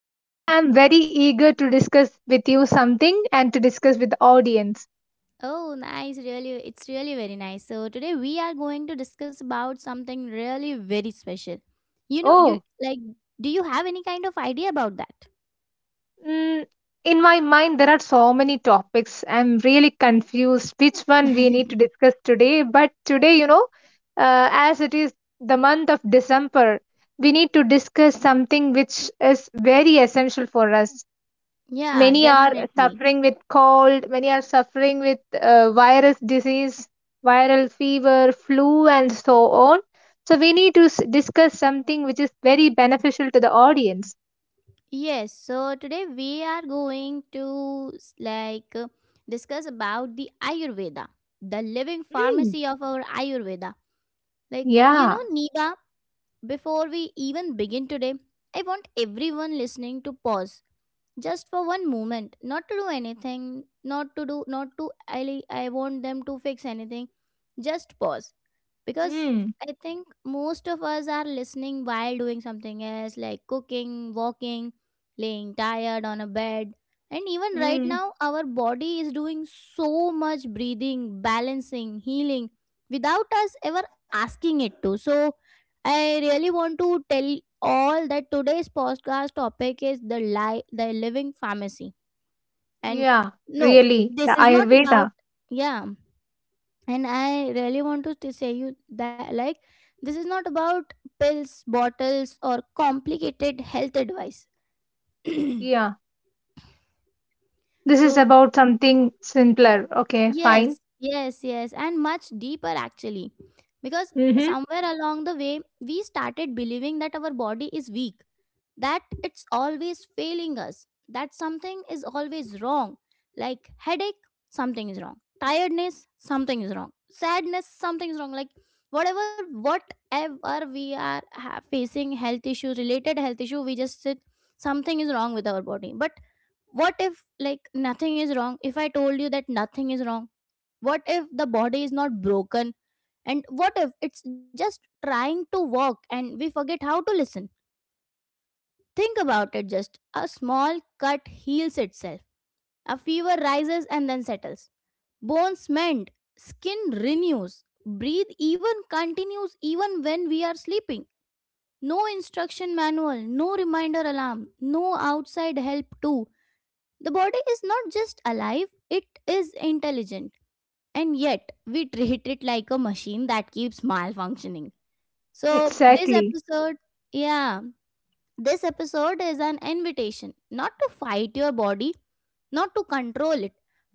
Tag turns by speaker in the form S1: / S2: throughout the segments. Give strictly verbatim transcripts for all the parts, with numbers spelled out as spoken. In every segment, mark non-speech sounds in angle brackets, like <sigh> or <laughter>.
S1: Okay.
S2: I'm very eager to discuss with you something and to discuss with the audience.
S1: Oh, nice. Really, it's really very nice. So, today we are going to discuss about something really very special. You know, you
S2: Oh.
S1: like, do you have any kind of idea about that?
S2: mm, in my mind, there are so many topics. I'm really confused which one we need to discuss today. But today, you know, uh, as it is the month of December, we need to discuss something which is very essential for us.
S1: Yeah,
S2: Many are
S1: definitely.
S2: suffering with cold. Many are suffering with uh, virus disease, viral fever, flu, and so on. So we need to s- discuss something which is very beneficial to the audience.
S1: Yes. So, today we are going to s- like uh, discuss about the Ayurveda, the living
S2: Mm.
S1: pharmacy of our Ayurveda. Like, you know,
S2: Yeah.
S1: Niva. Before we even begin today, I want everyone listening to pause just for one moment, not to do anything, not to do, not to, I, I want them to fix anything. Just pause because
S2: Mm.
S1: I think most of us are listening while doing something else like cooking, walking, laying tired on a bed. And even right
S2: Mm.
S1: now, our body is doing so much breathing, balancing, healing without us ever asking it to. So, I really want to tell all that today's podcast topic is the li- the living pharmacy. And
S2: Yeah,
S1: no,
S2: really, the
S1: this is not about,
S2: Ayurveda.
S1: yeah, and I really want to t- say you that like this is not about pills, bottles or complicated health advice. <clears throat>
S2: Yeah, this is
S1: So
S2: about something simpler. Okay, fine.
S1: yes, yes, yes, and much deeper actually, because
S2: Mm-hmm.
S1: somewhere along the way we started believing that our body is weak, that it's always failing us, that something is always wrong. Like headache, something is wrong. Tiredness, something is wrong. Sadness, something is wrong. Like whatever, whatever we are ha- facing, health issue, related health issue, we just sit, something is wrong with our body. But what if, like, nothing is wrong? If I told you that nothing is wrong, what if the body is not broken? And what if it's just trying to work and we forget how to listen? Think about it, just a small cut heals itself, a fever rises and then settles. Bones mend, skin renews, breathe even continues even when we are sleeping. No instruction manual, no reminder alarm, no outside help too. The body is not just alive, it is intelligent. And yet, we treat it like a machine that keeps malfunctioning. So, this
S2: Exactly.
S1: episode, yeah, this episode is an invitation not to fight your body, not to control it,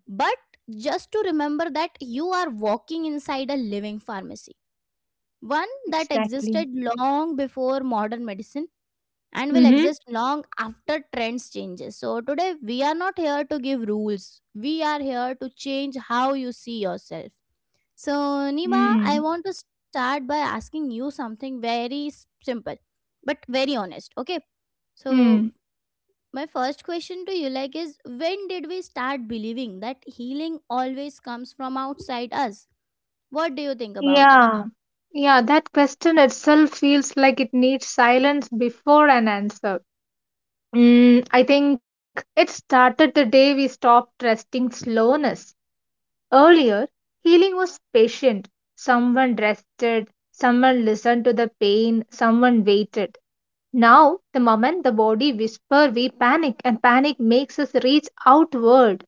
S1: but just to remember that you are walking inside a living pharmacy. One that existed
S2: Exactly.
S1: long before modern medicine and will
S2: Mm-hmm.
S1: exist long after trends changes. So today we are not here to give rules. We are here to change how you see yourself. So Nima, I
S2: Mm.
S1: want to start by asking you something very s- simple but very honest, okay? So
S2: Mm.
S1: my first question to you like is, when did we start believing that healing always comes from outside us? What do you think about that?
S2: Yeah, yeah, that question itself feels like it needs silence before an answer. Mm, I think it started the day we stopped trusting slowness. Earlier, healing was patient. Someone rested, someone listened to the pain, someone waited. Now, the moment the body whispers, we panic, and panic makes us reach outward.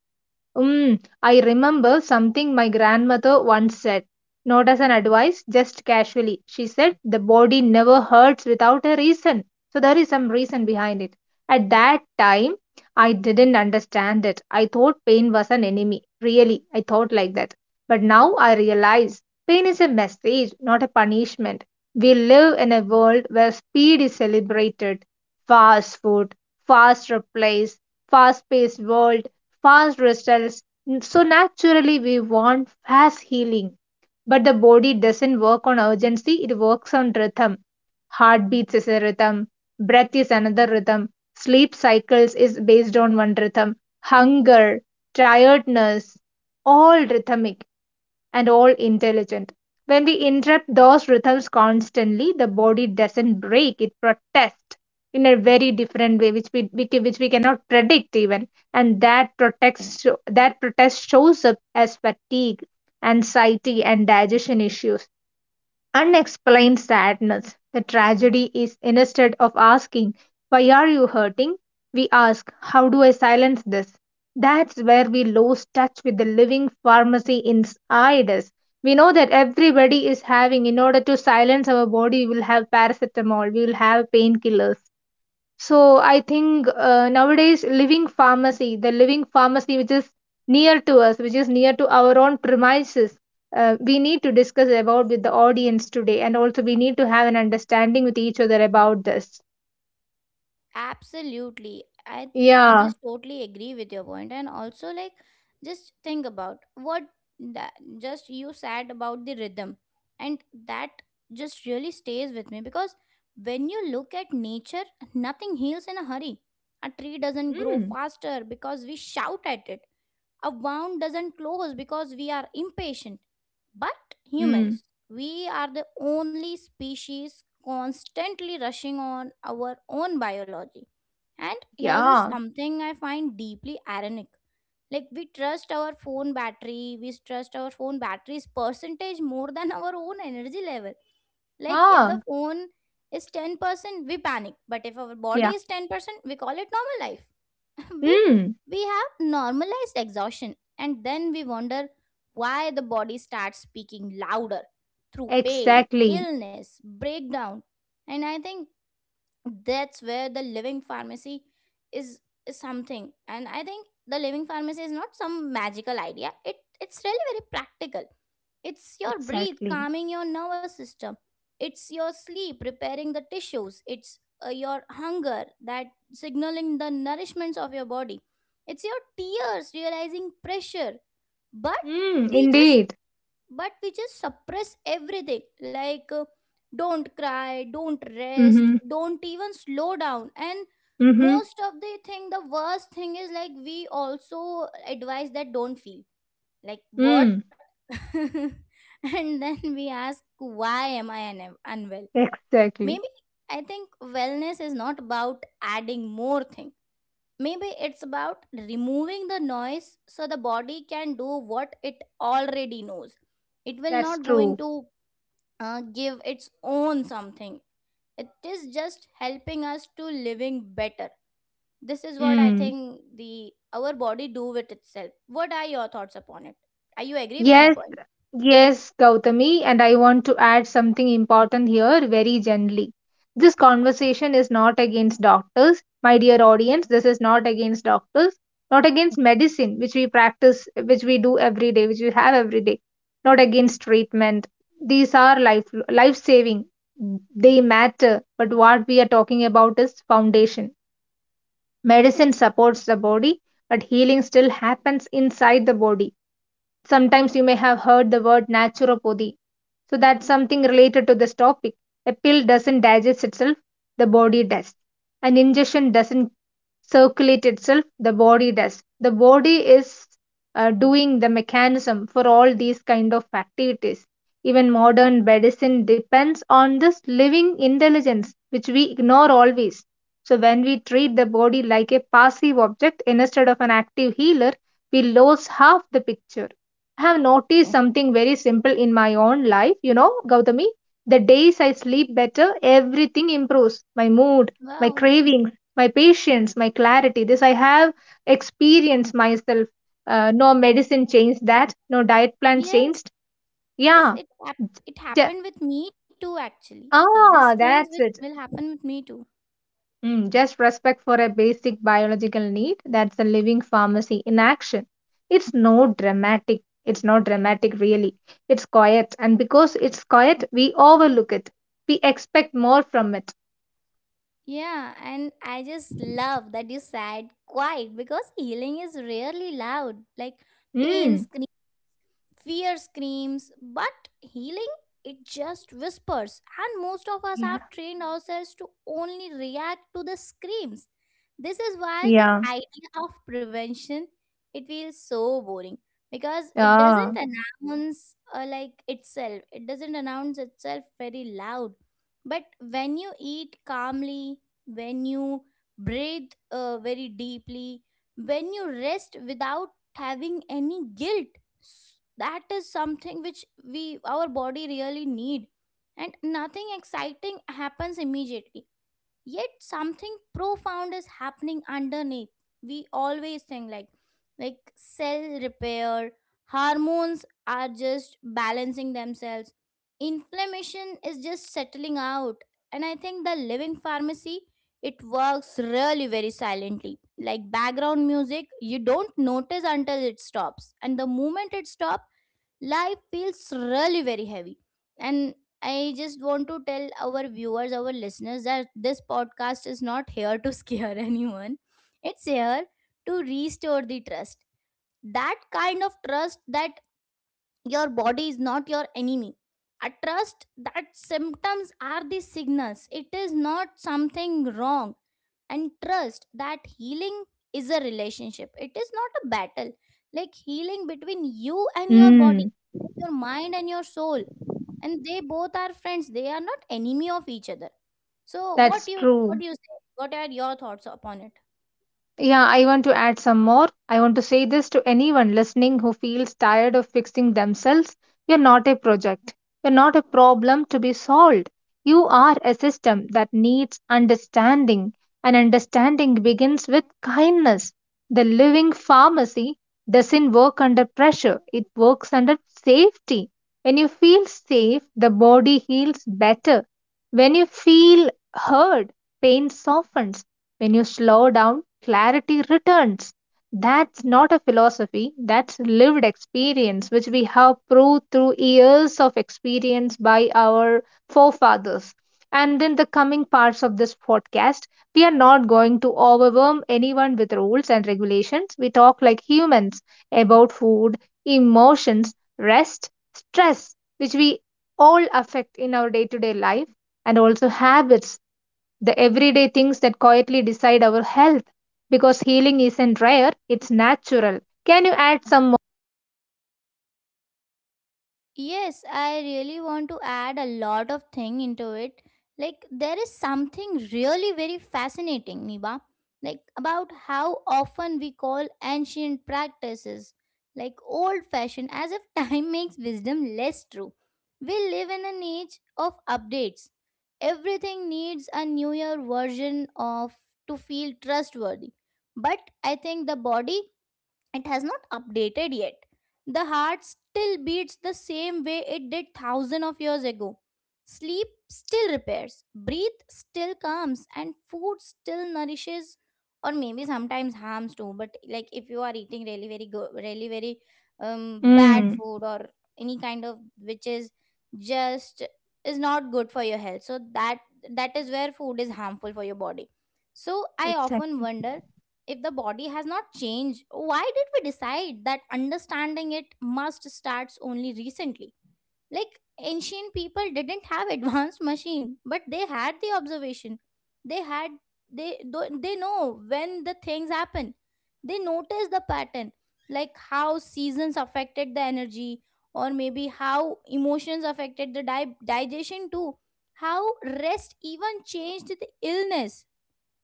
S2: Mm, I remember something my grandmother once said, not as an advice, just casually. She said, "The body never hurts without a reason." So there is some reason behind it. At that time, I didn't understand it. I thought pain was an enemy. Really, I thought like that. But now I realize pain is a message, not a punishment. We live in a world where speed is celebrated. Fast food, fast replies, fast paced world, fast results. So naturally, we want fast healing. But the body doesn't work on urgency, it works on rhythm. Heartbeats is a rhythm, breath is another rhythm, sleep cycles is based on one rhythm, hunger, tiredness, all rhythmic and all intelligent. When we interrupt those rhythms constantly, the body doesn't break, it protests in a very different way, which we, which we cannot predict even. And that protects that protest shows up as fatigue, anxiety, and digestion issues, unexplained sadness. The tragedy is instead of asking, "Why are you hurting?" we ask, "How do I silence this?" That's where we lose touch with the living pharmacy inside us. We know that everybody is having, in order to silence our body, we will have paracetamol, we will have painkillers. So I think uh, nowadays living pharmacy, the living pharmacy which is near to us, which is near to our own premises, uh, we need to discuss about with the audience today, and also we need to have an understanding with each other about this.
S1: Absolutely. I I
S2: Yeah.
S1: just totally agree with your point, and also like just think about what that just you said about the rhythm, and that just really stays with me because when you look at nature nothing heals in a hurry. A tree doesn't grow
S2: Mm.
S1: faster because we shout at it. A wound doesn't close because we are impatient. But humans,
S2: Mm.
S1: we are the only species constantly rushing on our own biology. And here's is
S2: Yeah.
S1: something I find deeply ironic. Like we trust our phone battery, we trust our phone battery's percentage more than our own energy level. Like if the
S2: Ah.
S1: phone is ten percent, we panic. But if our body
S2: Yeah.
S1: is ten percent, we call it normal life. <laughs> we
S2: Mm.
S1: we have normalized exhaustion and then we wonder why the body starts speaking louder through pain,
S2: Exactly.
S1: illness, breakdown. And I think that's where the living pharmacy is, is something, and I think the living pharmacy is not some magical idea, it it's really very practical. It's your breathe
S2: Exactly.
S1: calming your nervous system, it's your sleep repairing the tissues, it's uh, your hunger that signaling the nourishments of your body, it's your tears realizing pressure. but
S2: Mm.
S1: we just
S2: Indeed.
S1: but we just suppress everything like uh, don't cry, don't
S2: Mm-hmm.
S1: rest, don't even slow down. And
S2: Mm-hmm.
S1: most of the thing, the worst thing is like we also advise that don't feel, like
S2: Mm.
S1: what? <laughs> And then we ask, why am I un- unwell?
S2: Exactly.
S1: Maybe I think wellness is not about adding more thing. Maybe it's about removing the noise so the body can do what it already knows. It will
S2: That's
S1: not going
S2: true.
S1: to uh, give its own something. It is just helping us to living better. This is what I
S2: Mm.
S1: think the our body do with itself. What are your thoughts upon it? Are you agree with my
S2: Yes.
S1: point?
S2: Yes, Gautami, and I want to add something important here very gently. This conversation is not against doctors, my dear audience. This is not against doctors, not against medicine, which we practice, which we do every day, which we have every day, not against treatment. These are life life saving. They matter, but what we are talking about is foundation. Medicine supports the body, but healing still happens inside the body. Sometimes you may have heard the word naturopathy. So that's something related to this topic. A pill doesn't digest itself, the body does. An ingestion doesn't circulate itself, the body does. The body is uh, doing the mechanism for all these kind of activities. Even modern medicine depends on this living intelligence, which we ignore always. So when we treat the body like a passive object instead of an active healer, we lose half the picture. I have noticed something very simple in my own life, you know, Gautami. The days I sleep better, everything improves: my mood, my
S1: Wow.
S2: cravings, my patience, my clarity. This I have experienced myself. Uh, no medicine changed that, no diet plan changed.
S1: Yes.
S2: Yeah.
S1: Yes. It hap- it
S2: ja-
S1: happened with me too. Actually, these
S2: Ah,
S1: things which
S2: that's it.
S1: will happen with me too.
S2: Mm, just respect for a basic biological need. That's a living pharmacy in action. It's no dramatic. It's not dramatic, really. It's quiet. And because it's quiet, we overlook it. We expect more from it.
S1: Yeah, and I just love that you said quiet because healing is rarely loud. Like pain
S2: Mm.
S1: screams, fear screams, but healing, it just whispers. And most of us
S2: Yeah.
S1: have trained ourselves to only react to the screams. This is why the
S2: Yeah.
S1: idea of prevention, it feels so boring because it
S2: Ah.
S1: doesn't announce uh, like itself. It doesn't announce itself very loud. But when you eat calmly, when you breathe uh, very deeply, when you rest without having any guilt, S- that is something which we our body really need, and nothing exciting happens immediately, yet something profound is happening underneath. We always think like, like cell repair, hormones are just balancing themselves, inflammation is just settling out. And I think the living pharmacy, it works really very silently like background music, you don't notice until it stops, and the moment it stops life feels really very heavy. And I just want to tell our viewers, our listeners that this podcast is not here to <laughs> scare anyone, it's here to restore the trust, that kind of trust that your body is not your enemy. I trust that symptoms are the signals. It is not something wrong. And trust that healing is a relationship. It is not a battle. Like healing between you and your body,
S2: Mm.
S1: your mind and your soul. And they both are friends. They are not enemy of each other. So what
S2: That's
S1: you, what
S2: true.
S1: do you say? What are your thoughts upon it?
S2: Yeah, I want to add some more. I want to say this to anyone listening who feels tired of fixing themselves. You're not a project. You're not a problem to be solved. You are a system that needs understanding, and understanding begins with kindness. The living pharmacy doesn't work under pressure, it works under safety. When you feel safe, the body heals better. When you feel heard, pain softens. When you slow down, clarity returns. That's not a philosophy, that's lived experience, which we have proved through years of experience by our forefathers. And in the coming parts of this podcast, we are not going to overwhelm anyone with rules and regulations. We talk like humans about food, emotions, rest, stress, which we all affect in our day to day life, and also habits, the everyday things that quietly decide our health. Because healing isn't rare, it's natural. Can you add some more?
S1: Yes, I really want to add a lot of thing into it. Like there is something really very fascinating, Niba, like about how often we call ancient practices like old fashioned, as if time <laughs> makes wisdom less true. We live in an age of updates. Everything needs a newer version of to feel trustworthy. But I think the body, it has not updated yet. The heart still beats the same way it did thousands of years ago. Sleep still repairs, breath still calms, and food still nourishes, or maybe sometimes harms too. But like if you are eating really very good, really very um, bad
S2: Mm,
S1: food or any kind of which is just is not good for your health, so that that is where food is harmful for your body. So I often
S2: exactly.
S1: wonder, if the body has not changed, why did we decide that understanding it must starts only recently? Like ancient people didn't have <laughs> advanced machine, but they had the observation. they had they tho- they know when the things happen, they notice the pattern, like how seasons affected the energy, or maybe how emotions affected the di- digestion too, how rest even changed the illness.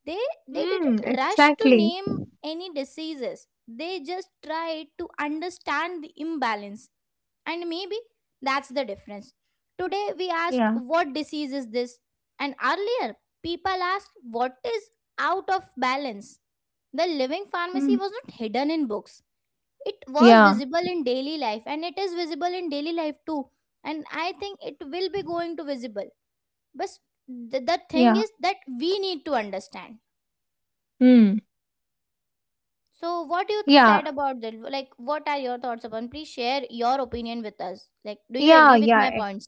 S1: They they
S2: Mm,
S1: didn't rush to
S2: exactly.
S1: name any diseases, they just tried to understand the imbalance. And maybe that's the difference. Today we ask,
S2: Yeah.
S1: what disease is this? And earlier people asked, what is out of balance? The living pharmacy
S2: Mm.
S1: was not hidden in books, it was
S2: Yeah,
S1: visible in daily life, and it is visible in daily life too. And I think it will be going to visible, but the, the thing
S2: yeah.
S1: is that we need to understand.
S2: Mm.
S1: So, what you
S2: Yeah,
S1: said about that, like, what are your thoughts upon? Please share your opinion with us. Like, do you
S2: yeah,
S1: agree with
S2: yeah.
S1: my
S2: ex-
S1: points?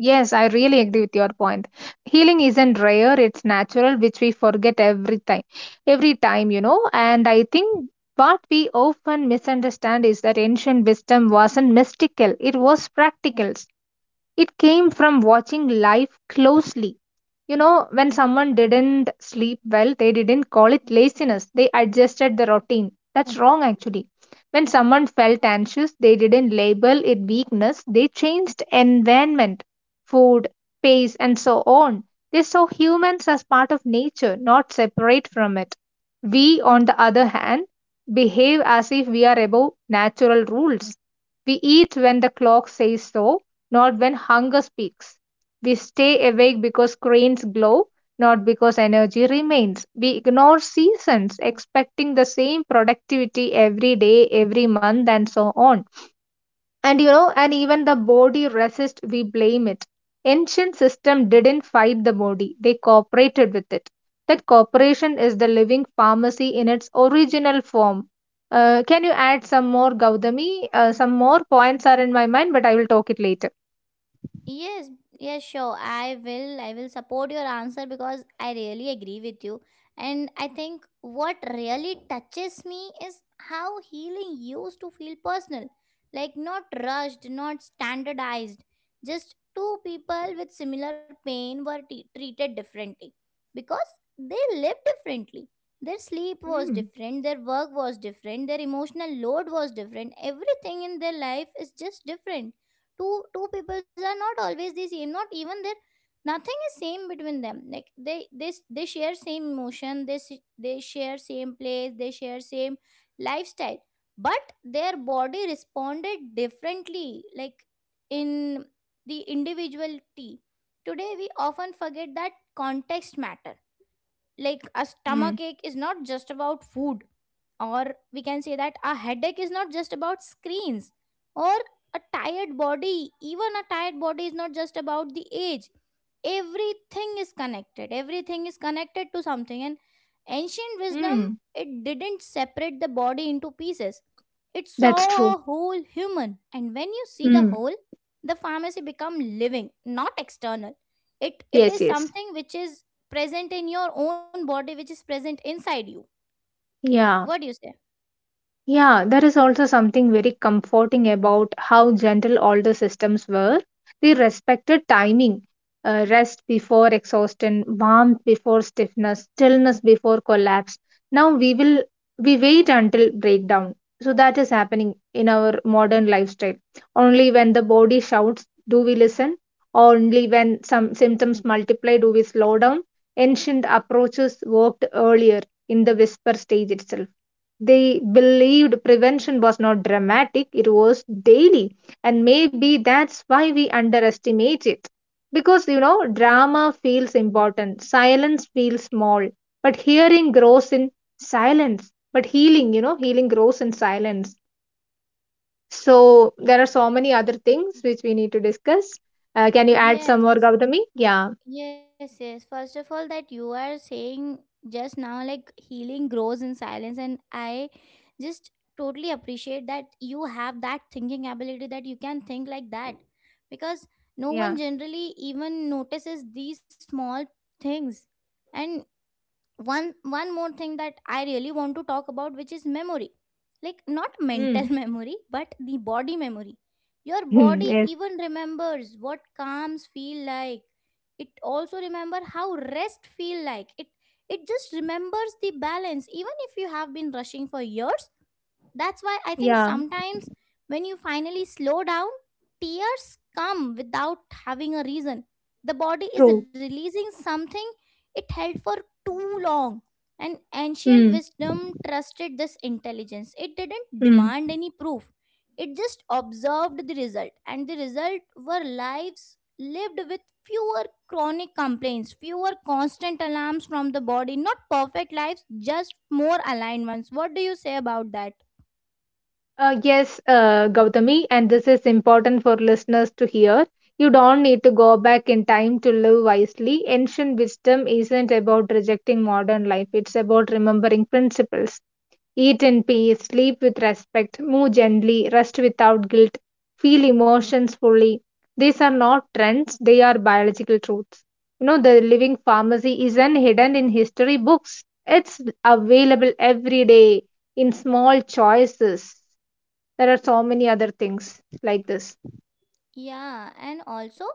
S2: Yes, I really agree with your point. Healing isn't rare, it's natural, which we forget every time. Every time, you know. And I think what we often misunderstand is that ancient wisdom wasn't mystical, it was practical. It came from watching life closely. You know, when someone didn't sleep well, they didn't call it laziness, they adjusted the routine. That's wrong, actually. When someone felt anxious, they didn't label it weakness, they changed environment, food, pace, and so on. They saw humans as part of nature, not separate from it. We, on the other hand, behave as if we are above natural rules. We eat when the clock says so, not when hunger speaks. We stay awake because cranes glow, not because energy remains. We ignore seasons, expecting the same productivity every day, every month, and so on. And you know, and even the body resists, we blame it. Ancient system didn't fight the body, they cooperated with it. That cooperation is the living pharmacy in its original form. Uh, can you add some more, Gautami? Uh, some more points are in my mind, but I will talk it later.
S1: Yes, yes, sure. I will. I will support your answer because I really agree with you. And I think what really touches me is how healing used to feel personal, like not rushed, not standardized. Just two people with similar pain were t- treated differently because they lived differently. Their sleep was
S2: Hmm.
S1: different, their work was different, their emotional load was different. Everything in their life is just different. Two two peoples are not always the same, not even their Nothing is same between them like they they s- they share same emotion, they s- they share same place, they share same lifestyle, but their body responded differently, like in the individuality. Today we often forget that context matters, like a
S2: Mm.
S1: stomach ache is not just about food, or we can say that a headache is not just about screens, or a tired body, even a tired body is not just about the age. Everything is connected, everything is connected to something. And ancient wisdom,
S2: Mm.
S1: it didn't separate the body into pieces, it
S2: That's true.
S1: saw a whole human. And when you see the
S2: Mm.
S1: whole, the pharmacy become living, not external. It it
S2: Yes,
S1: is
S2: yes.
S1: something which is present in your own body, which is present inside you.
S2: Yeah.
S1: What do you say?
S2: Yeah, there is also something very comforting about how gentle older systems were. They respected timing, uh, rest before exhaustion, warmth before stiffness, stillness before collapse. Now we will we wait until breakdown. So that is happening in our modern lifestyle. Only when the body shouts do we listen. Only when some symptoms multiply do we slow down. Ancient approaches worked earlier in the whisper stage itself. They believed prevention was not dramatic, it was daily. And maybe that's why we underestimate it. Because, you know, drama feels important, silence feels small, but hearing grows in silence. But healing, you know, healing grows in silence. So there are so many other things which we need to discuss. Uh, can you add some more,
S1: Yes,
S2: Gautami? Yeah,
S1: yes, yes. First of all, that you are saying just now, like healing grows in silence, and I just totally appreciate that you have that thinking ability, that you can think like that, because no
S2: yeah.
S1: one generally even notices these small things. And one one more thing that I really want to talk about, which is memory, like not mental
S2: Mm.
S1: <laughs>
S2: <laughs>
S1: memory, but the body memory. Your
S2: Mm.
S1: body
S2: Yes,
S1: even remembers what calms feel like, it also remember how rest feel like. It it just remembers the balance, even if you have been rushing for years. That's why I think
S2: yeah,
S1: sometimes when you finally slow down, tears come without having a reason. The body is
S2: true.
S1: releasing something it held for too long. And ancient
S2: Mm.
S1: wisdom trusted this intelligence. It didn't
S2: Mm.
S1: demand any proof, it just observed the result. And the result were lives lived with fewer chronic complaints, fewer constant alarms from the body, not perfect lives, just more aligned ones. What do you say about that?
S2: Uh, yes, uh, Gautami, and this is important for listeners to hear. You don't need to go back in time to live wisely. Ancient wisdom isn't about rejecting modern life, it's about remembering principles. Eat in peace, sleep with respect, move gently, rest without guilt, feel emotions fully. These are not trends, they are biological truths. You know, the living pharmacy isn't hidden in history books, it's available every day in small choices. There are so many other things like this.
S1: Yeah, and also,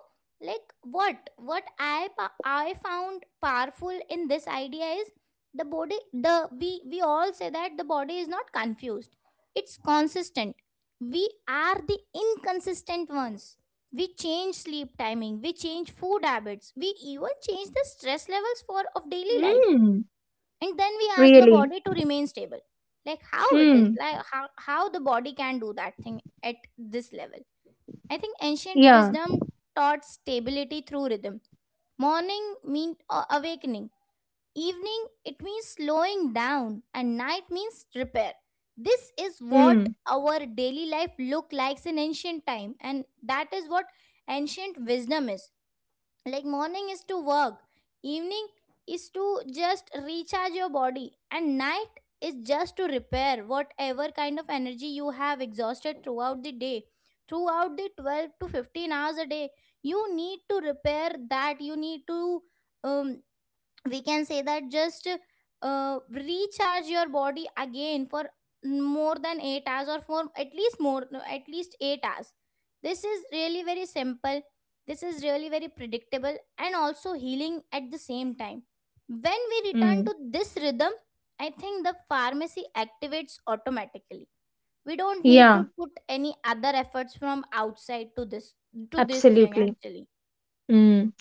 S1: like what what I pa- I found powerful in this idea is the body the we we all say that the body is not confused. It's consistent. We are the inconsistent ones. We change sleep timing, we change food habits, we even change the stress levels for of daily life.
S2: Mm,
S1: And then we ask the
S2: really?
S1: body to remain stable. Like how it is,
S2: Mm,
S1: like how, how the body can do that thing at this level. I think ancient
S2: yeah.
S1: wisdom taught stability through rhythm. Morning means awakening, evening it means slowing down, and night means repair. This is what
S2: Mm.
S1: our daily life looked like in ancient time, and that is what ancient wisdom is. Like morning is to work, evening is to just recharge your body, and night is just to repair whatever kind of energy you have exhausted throughout the day, throughout the twelve to fifteen hours a day. You need to repair that, you need to, um, we can say that, just uh, recharge your body again for more than eight hours, or for at least more no, at least eight hours. This is really very simple, this is really very predictable, and also healing at the same time. When we return
S2: Mm.
S1: to this rhythm, I think the pharmacy activates automatically. We don't need
S2: Yeah,
S1: to put any other efforts from outside to this to this thing
S2: absolutely.
S1: actually.
S2: Mm.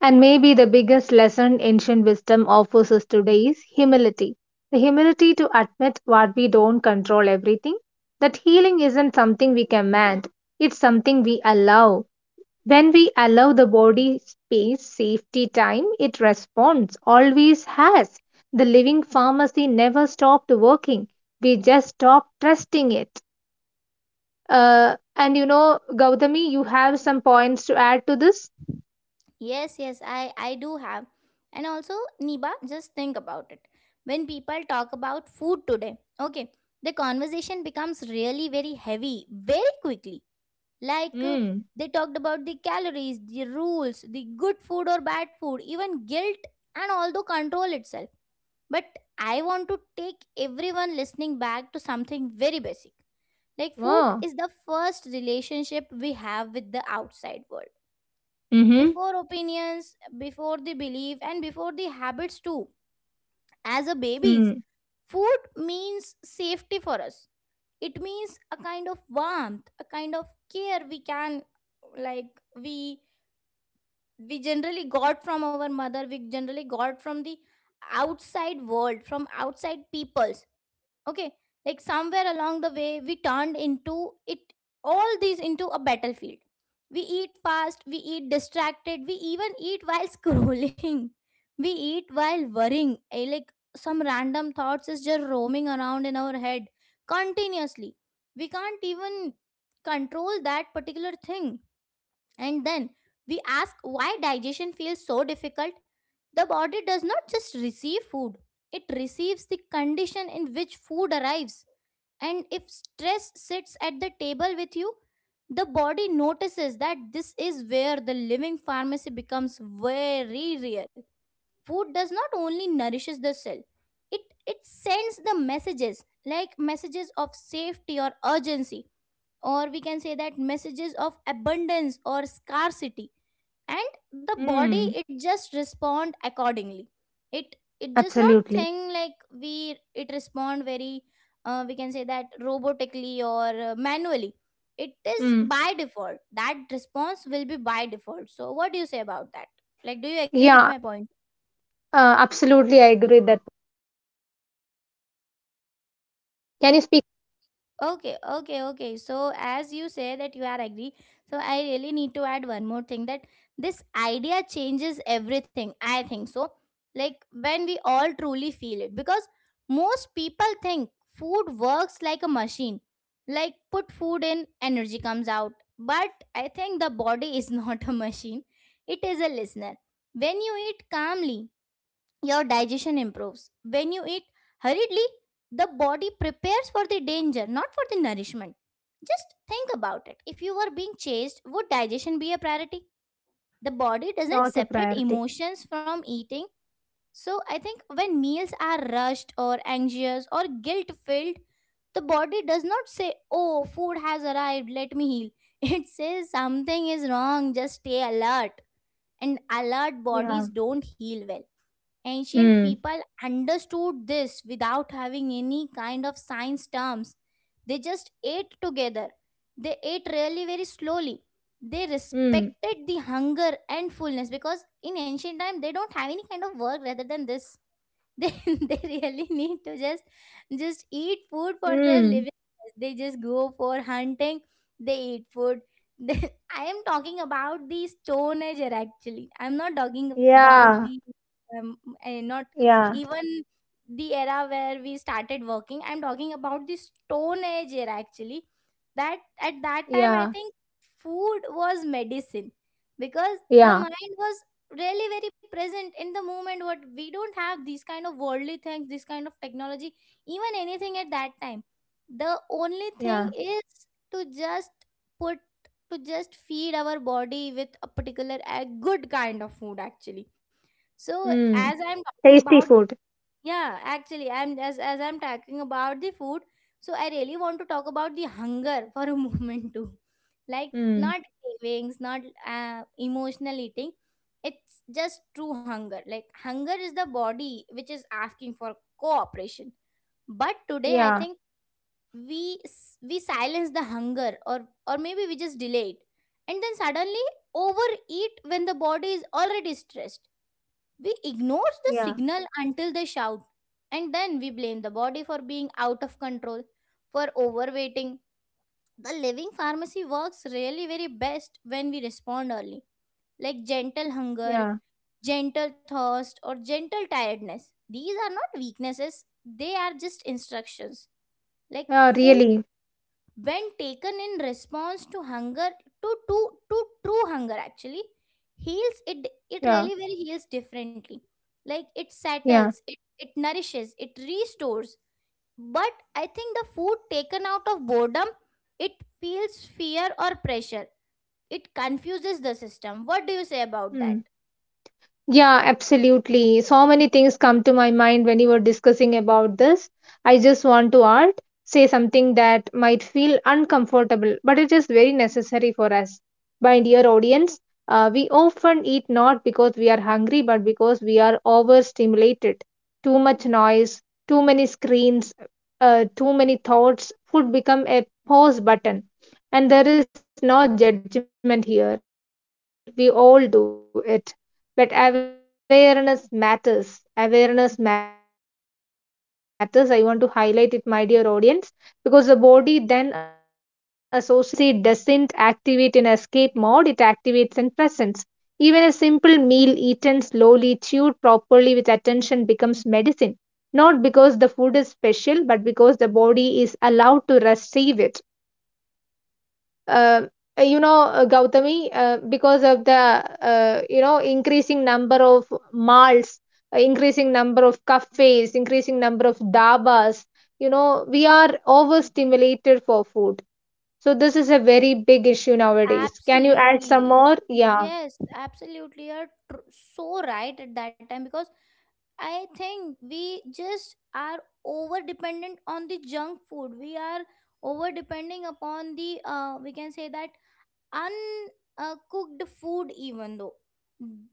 S2: And maybe the biggest lesson ancient wisdom offers us today is humility. The humility to admit what we don't control everything, that healing isn't something we command, it's something we allow. When we allow the body space safety time, it responds, always has. The living pharmacy never stopped working. We just stopped trusting it. Uh, and you know, Gautami, you have some points to add to this?
S1: Yes, yes, I, I do have. And also, Niba, just think about it. When people talk about food today, okay, the conversation becomes really very heavy very quickly. Like uh,
S2: Mm.
S1: they talked about the calories, the rules, the good food or bad food, even guilt, and also control itself. But I want to take everyone listening back to something very basic. Like food
S2: Wow.
S1: is the first relationship we have with the outside world,
S2: Mm-hmm.
S1: before opinions, before the belief, and before the habits too. As a babies,
S2: Mm.
S1: food means safety for us. It means a kind of warmth, a kind of care. We can like we we generally got from our mother, we generally got from the outside world, from outside peoples. Okay, like somewhere along the way, we turned into it all these into a battlefield. We eat fast, we eat distracted, we even eat while <laughs> scrolling, we eat while worrying. Eh, like some random thoughts is just roaming around in our head continuously. We can't even control that particular thing. And then we ask why digestion feels so difficult. The body does not just receive food, it receives the condition in which food arrives. And if stress sits at the table with you, the body notices that this is where the living pharmacy becomes very real. Food does not only nourishes the cell, it, it sends the messages, like messages of safety or urgency, or we can say that messages of abundance or scarcity. And the body,
S2: Mm.
S1: it just respond accordingly. It it does not
S2: Absolutely.
S1: think like we, it respond very, uh, we can say that, robotically or uh, manually. It is
S2: Mm.
S1: by default, that response will be by default. So what do you say about that? Like do you agree with
S2: Yeah,
S1: my point?
S2: uh, absolutely. I agree that. Can you speak?
S1: Okay, okay, okay. So as you say that you are agree, so I really need to add one more thing, that this idea changes everything. I think so. Like when we all truly feel it, because most people think food works like a machine. Like put food in, energy comes out. But I think the body is <laughs> not a machine. It is a listener. When you eat calmly, your digestion improves. When you eat hurriedly, the body prepares for the danger, not for the nourishment. Just think about it. If you were being chased, would digestion be a priority? The body doesn't
S2: Not a
S1: separate
S2: priority.
S1: emotions from eating. So I think when meals are rushed or anxious or guilt filled, the body does not say, "Oh, food has arrived, let me heal." <laughs> It says something is wrong, just stay alert. And alert
S2: Yeah.
S1: bodies don't heal well. Ancient
S2: Mm.
S1: people understood this without having any kind of science terms. They just ate together. They ate really very slowly. They
S2: Mm.
S1: respected the hunger and fullness, because in ancient time they don't have any kind of work rather than this. They <laughs> they really need to just just eat food for their
S2: Mm.
S1: living, they just go for hunting, they eat food. They- <laughs> I am talking about the stone age era. Actually I'm not talking about the
S2: Yeah.
S1: um, eh, not
S2: Yeah.
S1: even the era where we started working. I'm talking about the stone age era actually. That at that time, I
S2: Yeah.
S1: think food was medicine, because the
S2: Yeah,
S1: mind was really very present in the moment. What we don't have these kind of worldly things, this kind of technology, even anything at that time. The only
S2: yeah.
S1: thing is to just put to just feed our body with a particular, a good kind of food actually. So as
S2: Mm.
S1: I'm talking about,
S2: Tasty food.
S1: yeah, actually, I'm as as I'm talking about the food, so I really want to talk about the hunger for a <laughs> moment too. Like
S2: Mm.
S1: not cravings, not uh, emotional eating. It's just true hunger. Like hunger is the body which is asking for cooperation. But today, I
S2: Yeah,
S1: think we s- we silence the hunger, or or maybe we just delay it, and then suddenly overeat when the body is already stressed. We ignore the
S2: yeah,
S1: signal until they shout, and then we blame the body for being out of control, for overweighting. The living pharmacy works really very best when we respond early, like gentle hunger,
S2: yeah.
S1: gentle thirst, or gentle tiredness. These are not weaknesses, they are just instructions. Like
S2: Yeah,
S1: food,
S2: really.
S1: when taken in response to hunger, to to, to true hunger actually, heals it. It
S2: Yeah,
S1: really very heals differently, like it
S2: yeah.
S1: settles it, it nourishes, it restores. But I think the food taken out of boredom, it feels fear or pressure, it confuses the system. What do you say about that?
S2: Mm. Yeah, absolutely. So many things come to my mind when you were discussing about this. I just want to art, say something that might feel uncomfortable, but it is very necessary for us. My dear audience, uh, we often eat not because we are hungry, but because we are overstimulated. Too much noise, too many screens, uh, too many thoughts. Food become a pause button, and there is no judgment here. We all do it, but awareness matters. Awareness matters. I want to highlight it, my dear audience, because the body then associates eating with escape, not nourishment. The living pharmacy doesn't activate in escape mode, it activates in presence. Even a simple meal eaten slowly, chewed properly with attention becomes medicine. Not because the food is special, but because the body is allowed to receive it uh, uh, you know uh, Gautami, uh, because of the uh, you know increasing number of malls, uh, increasing number of cafes, increasing number of dabas. You know, we are overstimulated for food. So this is a very big issue nowadays. Can you add some
S1: Absolutely,
S2: more? yeah
S1: yes, absolutely. You're tr- so right at that time, because I think we just are over dependent on the junk food. We are over depending upon the, uh, we can say that, uncooked food. Even though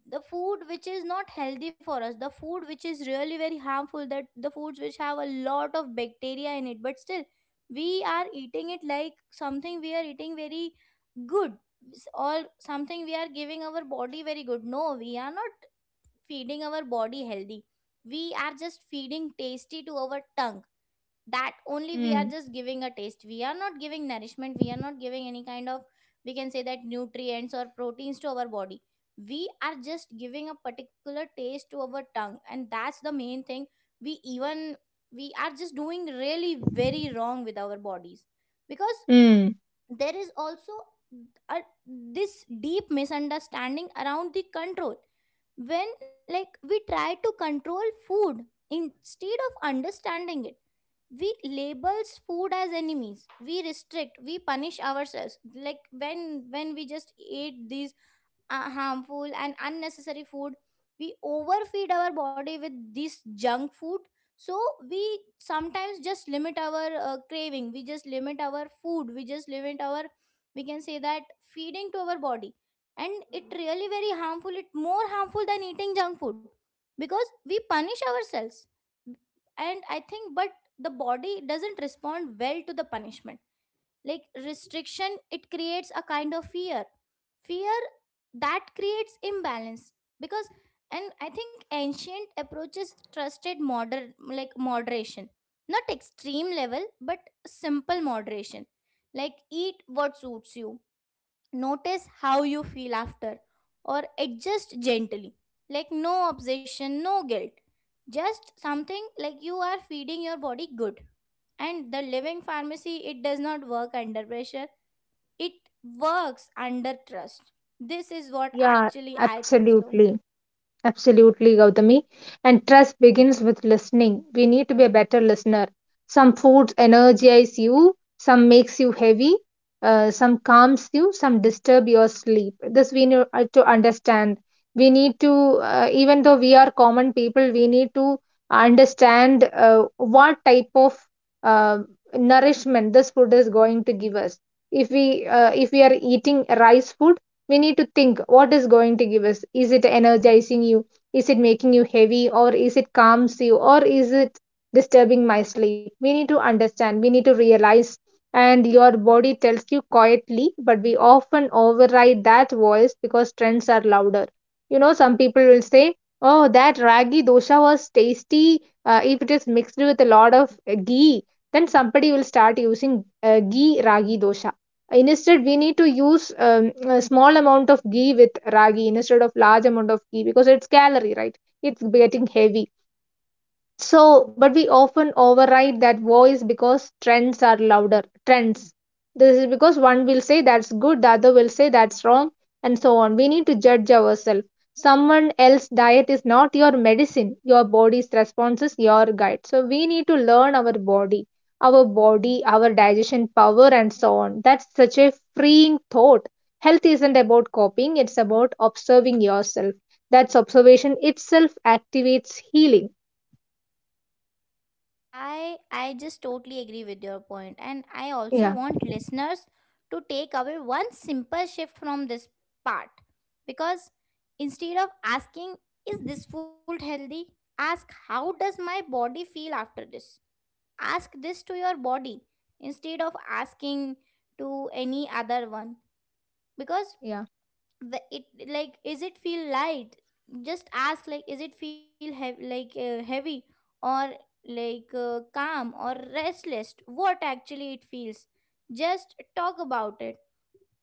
S1: the food which is not healthy for us, the food which is really very harmful, that the foods which have a lot of bacteria in it, but still we are eating it. Like something we are eating very good, or something we are giving our body very good. No, we are not feeding our body healthy, we are just feeding tasty to our tongue. That only, we are
S2: mm.
S1: just giving a taste, we are not giving nourishment, we are not giving any kind of, we can say that, nutrients or proteins to our body. We are just giving a particular taste to our tongue, and that's the main thing. We even we are just doing really very wrong with our bodies, because
S2: Mm.
S1: there is also a, this deep misunderstanding around the control. When like we try to control food instead of understanding it, we labels food as enemies, we restrict, we punish ourselves. Like when when we just ate these uh, harmful and unnecessary food, we overfeed our body with this junk food. So we sometimes just limit our uh, craving, we just limit our food, we just limit our, we can say that, feeding to our body. And it really very harmful, it more harmful than eating junk food, because we punish ourselves. And I think, but the body doesn't respond well to the punishment. Like restriction, it creates a kind of fear fear that creates imbalance. Because, and I think ancient approaches trusted modern, like moderation, not extreme level, but simple moderation. Like eat what suits you, notice how you feel after Or adjust gently. Like no obsession, no guilt, just something like you are feeding your body good. And the living pharmacy, it does not work under pressure, it works under trust. This is what
S2: yeah
S1: actually I think so.
S2: Absolutely. Absolutely, Gautami. And trust begins with listening. We need to be a better listener. Some foods energize you, some makes you heavy, uh, some calms you, some disturb your sleep. This we need uh, to understand. We need to, uh, even though we are common people, we need to understand uh, what type of uh, nourishment this food is going to give us. If we uh, if we are eating rice food, we need to think what is going to give us. Is it energizing you, is it making you heavy, or is it calms you, or is it disturbing my sleep? We need to understand, we need to realize. And your body tells you quietly, but we often override that voice because trends are louder. You know, some people will say, oh, that ragi dosha was tasty. Uh, if it is mixed with a lot of uh, ghee, then somebody will start using uh, ghee ragi dosha. Instead, we need to use um, a small amount of ghee with ragi instead of large amount of ghee, because it's calorie, right? It's getting heavy. So, but we often override that voice because trends are louder. Trends. This is because one will say that's good, the other will say that's wrong, and so on. We need to judge ourselves. Someone else's diet is not your medicine. Your body's response is your guide. So, we need to learn our body, our body, our digestion power, and so on. That's such a freeing thought. Health isn't about copying, it's about observing yourself. That's observation itself activates healing.
S1: I i just totally agree with your point, and I also
S2: Yeah.
S1: want listeners to take away one simple shift from this part. Because instead of asking is this food healthy, ask how does my body feel after this? Ask this to your body instead of asking to any other one. Because
S2: Yeah,
S1: the- it, like is it feel light? Just ask like is it feel heavy, like uh, heavy, or like uh, calm or restless? What actually it feels, just talk about it.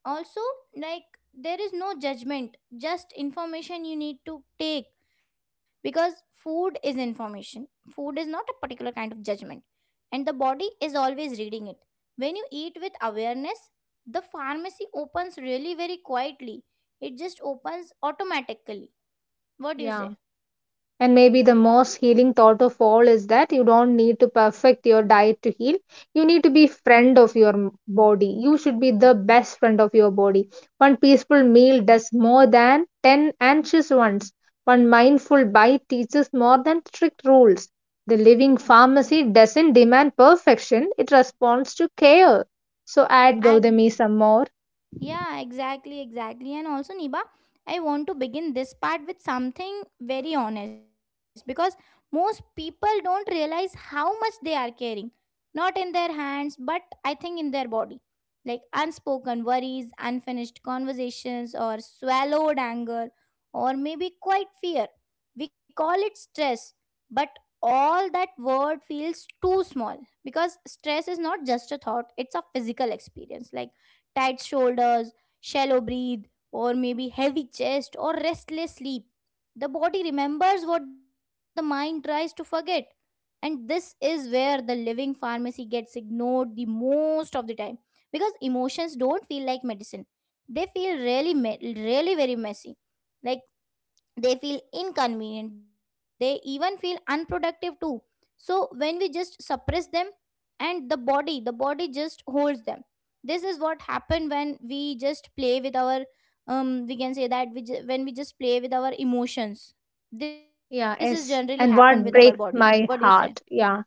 S1: Also, like, there is no judgment, just information you need to take. Because food is information, food is not a particular kind of judgment. And the body is always reading it. When you eat with awareness, the pharmacy opens really very quietly, it just opens automatically. What do you
S2: yeah.
S1: say?
S2: And maybe the most healing thought of all is that you don't need to perfect your diet to heal. You need to be friend of your m- body. You should be the best friend of your body. One peaceful meal does more than ten anxious ones. One mindful bite teaches more than strict rules. The living pharmacy doesn't demand perfection, it responds to care. So add Gautami some more.
S1: Yeah, exactly, exactly. And also, Niba, I want to begin this part with something very honest, because most people don't realize how much they are carrying, not in their hands, but I think in their body. Like unspoken worries, unfinished conversations, or swallowed anger, or maybe quite fear. We call it stress, but all that word feels too small, because stress is not just a thought, it's a physical experience. Like tight shoulders, shallow breathe, or maybe heavy chest or restless sleep. The body remembers what the mind tries to forget. And this is where the living pharmacy gets ignored the most of the time, because emotions don't feel like medicine. They feel really, me- really very messy. Like they feel inconvenient, they even feel unproductive too. So when we just suppress them, and the body the body just holds them. This is what happened when we just play with our um we can say that we ju- when we just play with our emotions, this is generally
S2: Yeah,
S1: happened
S2: yes.
S1: with our
S2: And
S1: body.
S2: what
S1: What
S2: breaks
S1: do you say?
S2: my heart? Yeah.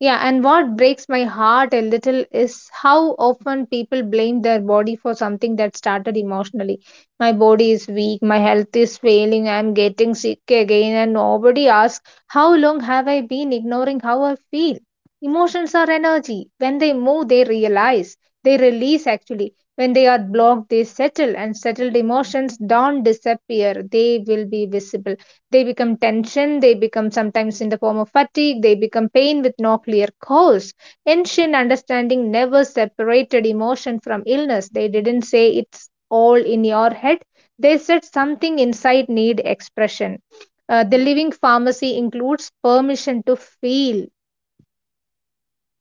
S2: Yeah, and what breaks my heart a little is how often people blame their body for something that started emotionally. My body is weak, my health is failing, I'm getting sick again, and nobody asks, how long have I been ignoring how I feel? Emotions are energy. When they move, they realize, they release actually. When they are blocked, they settle, and settled emotions don't disappear, they will be visible. They become tension, they become sometimes in the form of fatigue, they become pain with no clear cause. Ancient understanding never separated emotion from illness. They didn't say it's all in your head, they said something inside need expression. Uh, the living pharmacy includes permission to feel.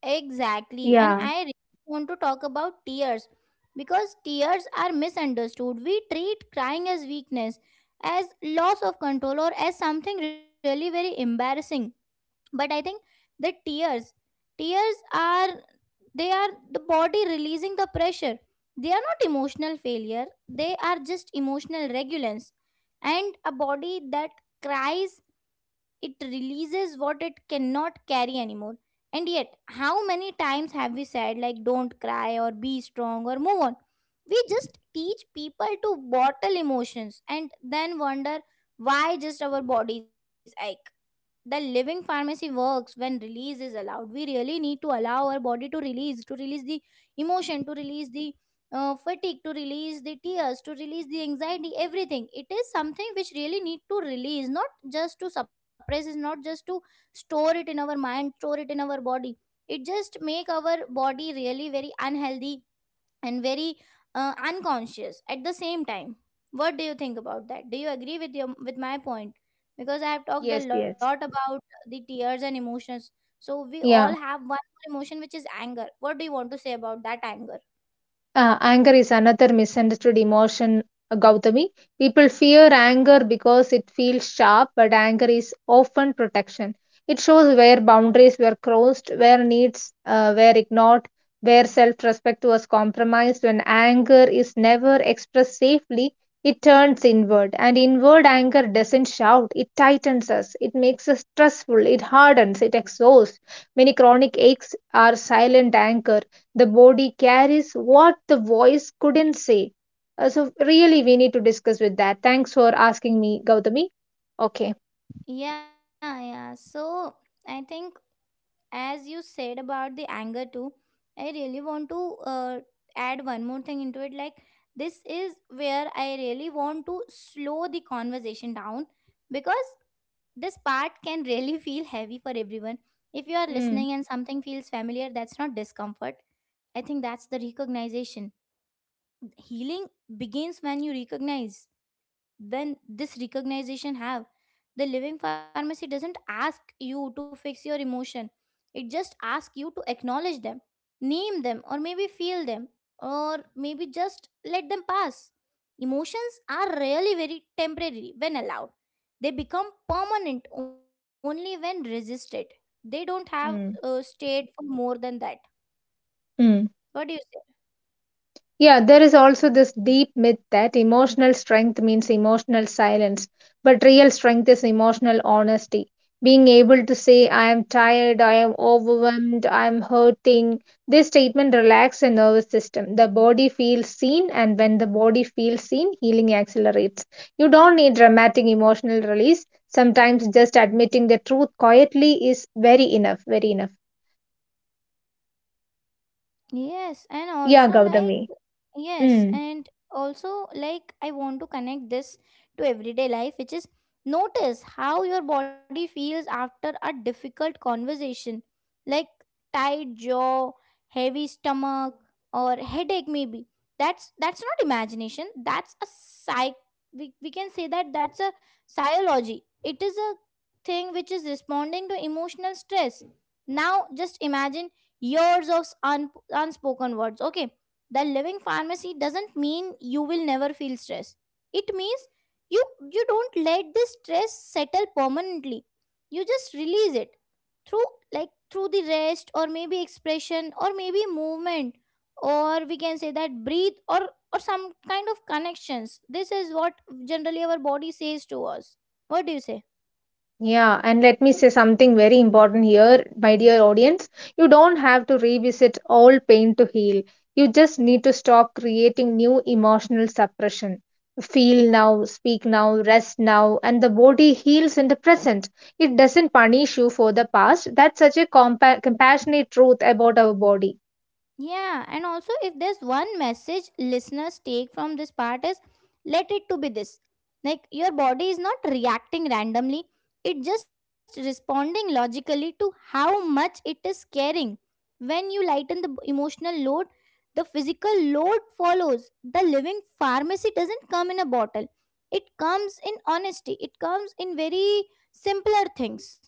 S1: Exactly. And
S2: Yeah.
S1: I really want to talk about tears, because tears are misunderstood. We treat crying as weakness, as loss of control, or as something really very embarrassing. But I think the tears, tears are they are the body releasing the pressure. They are not emotional failure, they are just emotional regulance. And a body that cries, it releases what it cannot carry anymore. And yet, how many times have we said like don't cry, or be strong, or move on? We just teach people to bottle emotions, and then wonder why just our bodies ache. The living pharmacy works when release is allowed. We really need to allow our body to release, to release the emotion, to release the uh, fatigue, to release the tears, to release the anxiety. Everything, it is something which really need to release, not just to suppress, is not just to store it in our mind, store it in our body. It just make our body really very unhealthy, and very uh, unconscious at the same time. What do you think about that? Do you agree with your with my point? Because I have talked a
S2: Yes,
S1: lot
S2: yes.
S1: about the tears and emotions. So we all
S2: Yeah.
S1: have one more emotion, which is anger. What do you want to say about that anger?
S2: Uh, anger is another misunderstood emotion, uh, Gautami. People fear anger because it feels sharp, but anger is often protection. It shows where boundaries were crossed, where needs uh, were ignored, where self respect was compromised. When anger is never expressed safely, it turns inward. And inward anger doesn't shout, it tightens us, it makes us stressful, it hardens, it exhausts. Many chronic aches are silent anger. The body carries what the voice couldn't say. Uh, so really we need to discuss with that. Thanks for asking me, Gautami. Okay.
S1: Yeah, yeah. So I think, as you said about the anger too, I really want to uh, add one more thing into it. Like, this is where I really want to slow the conversation down, because this part can really <laughs> feel heavy for everyone. If you are listening
S2: Mm,
S1: and something feels familiar, that's not discomfort, I think that's the recognition. Healing begins when you recognize, when this recognition have. The living pharmacy doesn't ask you to fix your emotion. It just asks you to acknowledge them, name them, or maybe feel them, or maybe just let them pass. Emotions are really very temporary when allowed. They become permanent only when resisted. They don't have uh,
S2: mm,
S1: stayed for more than that.
S2: mm.
S1: What do you say?
S2: Yeah, there is also this deep myth that emotional strength means emotional silence, but real strength is emotional honesty. Being able to say, I am tired, I am overwhelmed, I am hurting. This statement relaxes the nervous system. The body feels seen, and when the body feels seen, healing accelerates. You don't need dramatic emotional release. Sometimes just admitting the truth quietly is very enough, very enough.
S1: Yes, and
S2: Yeah,
S1: also like
S2: Gautami.
S1: yes,
S2: Mm.
S1: and also like I want to connect this to everyday life, which is notice how your body feels after a difficult conversation, like tight jaw, heavy stomach, or headache maybe. That's that's not imagination. That's a psych. We, we can say that that's a psychology. It is a thing which is responding to emotional stress. Now just imagine years of un- unspoken words. Okay, the living pharmacy doesn't mean you will never feel stress. It means you you don't let this stress settle permanently. You just release it through, like through the rest, or maybe expression, or maybe movement, or we can say that breathe, or or some kind of connections. This is what generally our body says to us. What do you say?
S2: Yeah, and let me say something very important here, my dear audience. You don't have to revisit all pain to heal. You just need to stop creating new emotional suppression. Feel now, speak now, rest now, and the body heals in the present. It doesn't punish you for the past. That's such a compa- compassionate truth about our body.
S1: Yeah, and also if there's one message listeners take from this part is let it to be this. Like your body is not reacting randomly, it just responding logically to how much it is caring. When you lighten the emotional load, the physical load follows. The living pharmacy doesn't come in a bottle. It comes in honesty. It comes in very simpler things.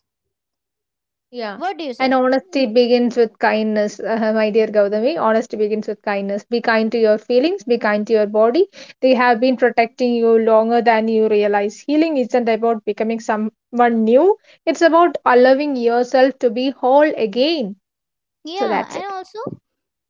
S2: Yeah.
S1: What do you say?
S2: And honesty begins with kindness, uh, my dear Gautami. Honesty begins with kindness. Be kind to your feelings, be kind to your body. They have been protecting you longer than you realize. Healing isn't about becoming someone new, it's about allowing yourself to be whole again. So
S1: Yeah,
S2: that's it.
S1: and also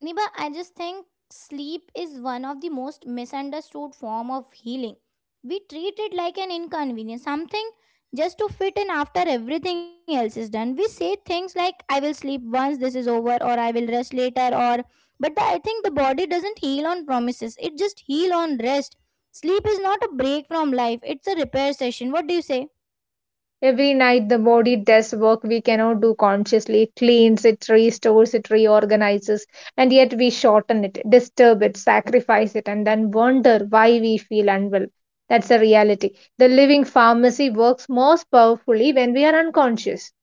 S1: Niba, I just think sleep is one of the most misunderstood form of healing. We treat it like an inconvenience, something just to fit in after everything else is done. We say things like I will sleep once this is over, or I will rest later, or but the, I think the body doesn't heal on promises. It just heal on rest. Sleep is not a break from life. It's a repair session. What do you say?
S2: Every night, the body does work we cannot do consciously. It cleans, it restores, it reorganizes, and yet we shorten it, disturb it, sacrifice it, and then wonder why we feel unwell. That's the reality. The living pharmacy works most powerfully when we are unconscious.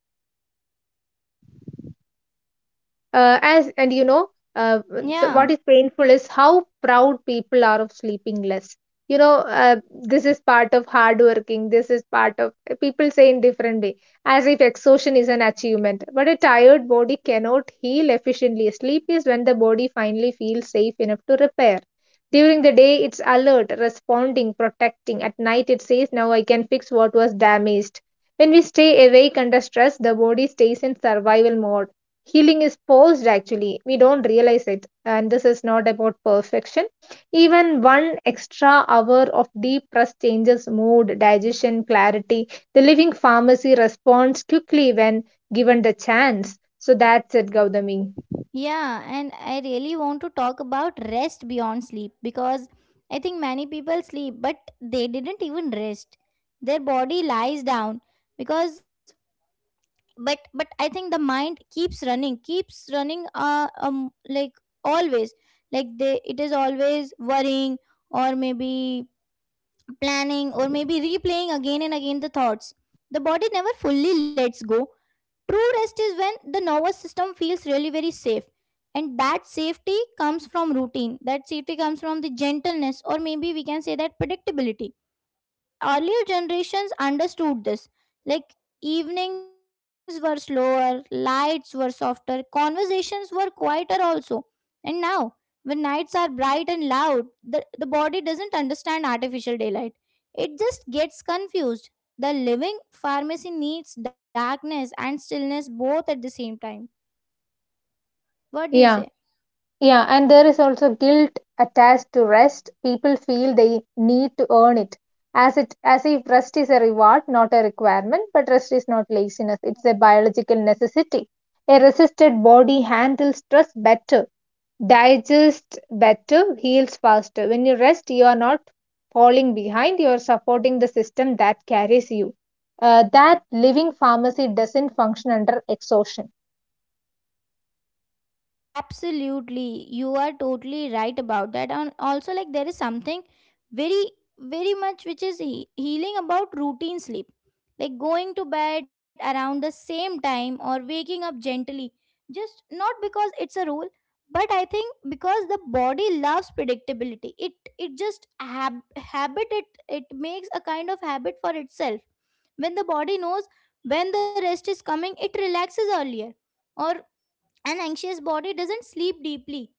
S2: Uh, as and you know uh, the,
S1: Yeah.
S2: what is painful is how proud people are of sleeping less. you know uh, this is part of hard working, this is part of uh, people say in different way, as if exhaustion is an achievement. But a tired body cannot heal efficiently. Sleep is when the body finally feels safe enough to repair. During the day it's alert, responding, protecting. At night it says, now I can fix what was damaged. When we stay awake under stress, the body stays in survival mode. Healing is paused actually. We don't realize it. And this is not about perfection. Even one extra hour of deep rest changes mood, digestion, clarity. The living pharmacy responds quickly when given the chance. So that's it, Gautami.
S1: Yeah, and I really want to talk about rest beyond sleep, because I think many people sleep but they didn't even rest. Their body lies down, because but but I think the mind keeps running, keeps running uh, um like always. Like they, it is always worrying, or maybe planning, or maybe replaying again and again the thoughts. The body never fully lets go. True rest is when the nervous system feels really very safe. And that safety comes from routine. That safety comes from the gentleness, or maybe we can say that predictability. Earlier generations understood this. Like evenings were slower, lights were softer, conversations were quieter also. And now, when nights are bright and loud, the, the body doesn't understand artificial daylight. It just gets confused. The living pharmacy needs darkness and stillness both at the same time. What do you
S2: Yeah.
S1: say?
S2: Yeah, and there is also guilt attached to rest. People feel they need to earn it, as it as if rest is a reward, not a requirement. But rest is not laziness; it's a biological necessity. A resisted body handles stress better, digests better, heals faster. When you rest, you are not falling behind; you are supporting the system that carries you. Uh, that living pharmacy doesn't function under exhaustion.
S1: Absolutely, you are totally right about that. And also, like, there is something very, very much which is he- healing about routine sleep, like going to bed around the same time, or waking up gently. Just not because it's a rule, but I think because the body loves predictability. It it just hab- habit, it it makes a kind of habit for itself. When the body knows when the rest is coming, it relaxes earlier. Or an anxious body doesn't sleep deeply.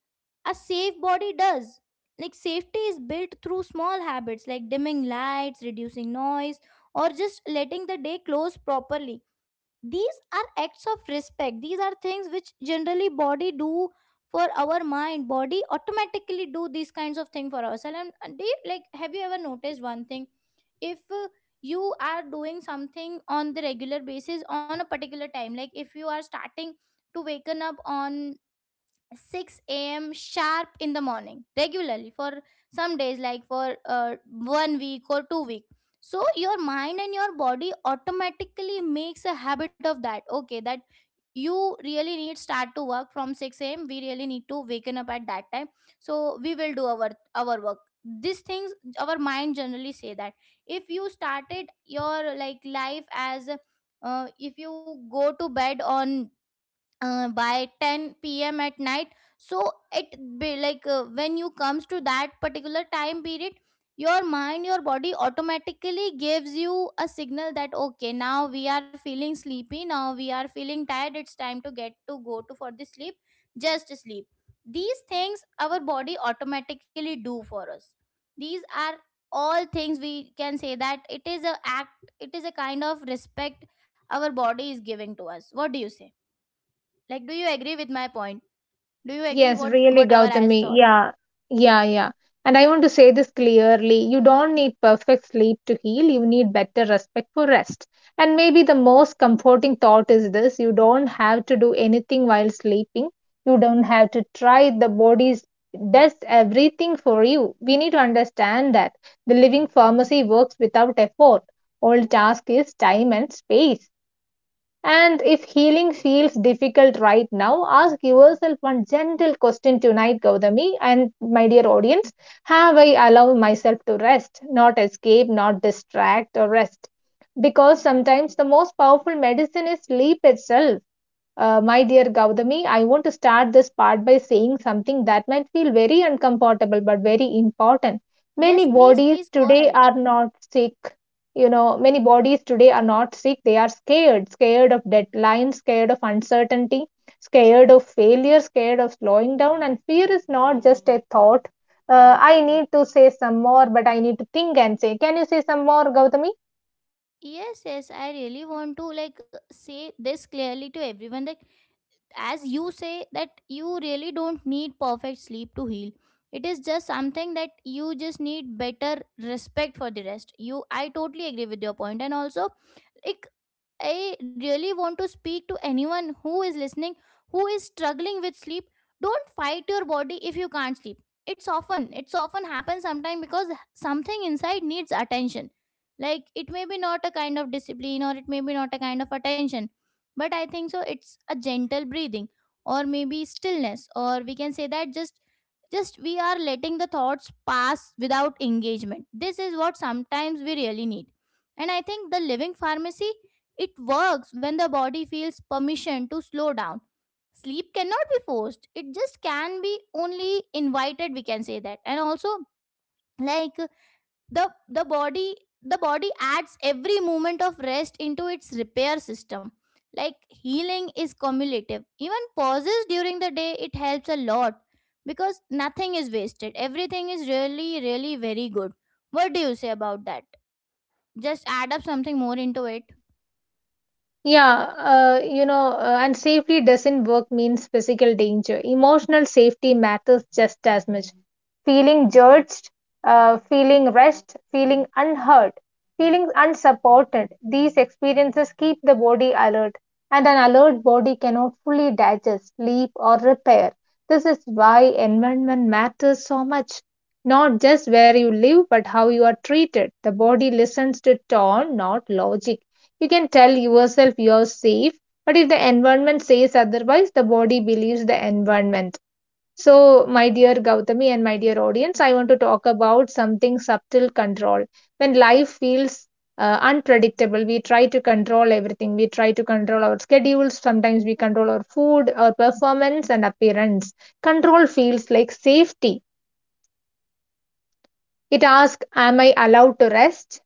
S1: A safe body does. Like safety is built through small habits like dimming lights, reducing noise, or just letting the day close properly. These are acts of respect. These are things which generally body do for our mind. Body automatically do these kinds of things for ourselves. And and they like, have you ever noticed one thing? If uh, you are doing something on the regular basis on a particular time, like if you are starting to waken up on six a m sharp in the morning regularly for some days, like for uh, one week or two week. So your mind and your body automatically makes a habit of that. Okay, that you really need start to work from six a m. We really need to waken up at that time. So we will do our our work. These things our mind generally say that, if you started your like life as uh, if you go to bed on uh, by ten p m at night. So it be like uh, when you comes to that particular time period, your mind, your body automatically gives you a signal that okay, now we are feeling sleepy, now we are feeling tired. It's time to get to go to for the sleep. Just sleep. These things our body automatically do for us. These are all things we can say that it is a act. It is a kind of respect our body is giving to us. What do you say? Like, do you agree with my point? Do you agree
S2: Yes,
S1: what
S2: really,
S1: whatever I has
S2: Gautami.
S1: thought?
S2: Yeah, yeah, yeah. And I want to say this clearly. You don't need perfect sleep to heal. You need better respect for rest. And maybe the most comforting thought is this. You don't have to do anything while sleeping. You don't have to try. The body does everything for you. We need to understand that the living pharmacy works without effort. All task is time and space. And if healing feels difficult right now, ask yourself one gentle question tonight, Gautami, and my dear audience. Have I allowed myself to rest, not escape, not distract, or rest? Because sometimes the most powerful medicine is sleep itself. Uh, my dear Gautami, I want to start this part by saying something that might feel very uncomfortable but very important.
S1: Yes,
S2: Many
S1: please,
S2: bodies
S1: please go
S2: today
S1: ahead.
S2: are not sick. You know, many bodies today are not sick. They are scared, scared of deadlines, scared of uncertainty, scared of failure, scared of slowing down. And fear is not just a thought. Uh, I need to say some more, but I need to think and say. Can you say some more, Gautami?
S1: Yes, yes, I really want to like say this clearly to everyone that as you say that you really don't need perfect sleep to heal. It is just something that you just need better respect for the rest. You, I totally agree with your point. And also, like I really want to speak to anyone who is listening, who is struggling with sleep. Don't fight your body if you can't sleep. It's often, it's often happens sometimes because something inside needs attention. Like, it may be not a kind of discipline, or it may be not a kind of attention, but I think so it's a gentle breathing, or maybe stillness, or we can say that just just we are letting the thoughts pass without engagement. This is what sometimes we really need. And I think the living pharmacy, it works when the body feels permission to slow down. Sleep cannot be forced, it just can be only invited, we can say that. And also, like the the body the body adds every moment of rest into its repair system. Like, healing is cumulative, even pauses during the day, it helps a lot, because nothing is wasted, everything is really really very good. What do you say about that? Just add up something more into it.
S2: Yeah, uh, you know, uh, and safety doesn't work means physical danger. Emotional safety matters just as much. Feeling judged, uh, feeling rushed, feeling unheard, feeling unsupported. These experiences keep the body alert, and an alert body cannot fully digest, sleep, or repair. This is why environment matters so much. Not just where you live, but how you are treated. The body listens to tone, not logic. You can tell yourself you're safe, but if the environment says otherwise, the body believes the environment. So, my dear Gautami and my dear audience, I want to talk about something subtle control. When life feels uh, unpredictable. We try to control everything. We try to control our schedules. Sometimes we control our food, our performance, and appearance. Control feels like safety. It asks, am I allowed to rest?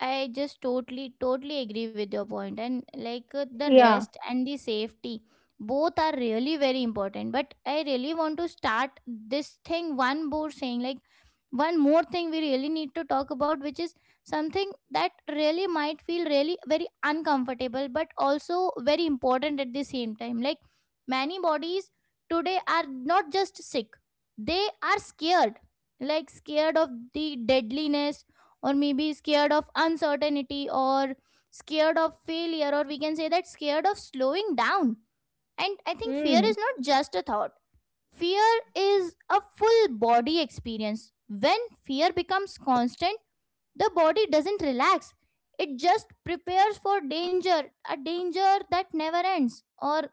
S1: I just totally, totally agree with your point. And like, uh, the
S2: Yeah.
S1: rest and the safety, both are really very important. But I really want to start this thing one more saying, like, one more thing we really need to talk about, which is something that really might feel really very uncomfortable, but also very important at the same time. Like, many bodies today are not just sick, they are scared, like, scared of the deadliness, or maybe scared of uncertainty, or scared of failure, or we can say that scared of slowing down. And I think fear
S2: Mm.
S1: is not just a thought. Fear is a full body experience. When fear becomes constant, the body doesn't relax, it just prepares for danger, a danger that never ends, or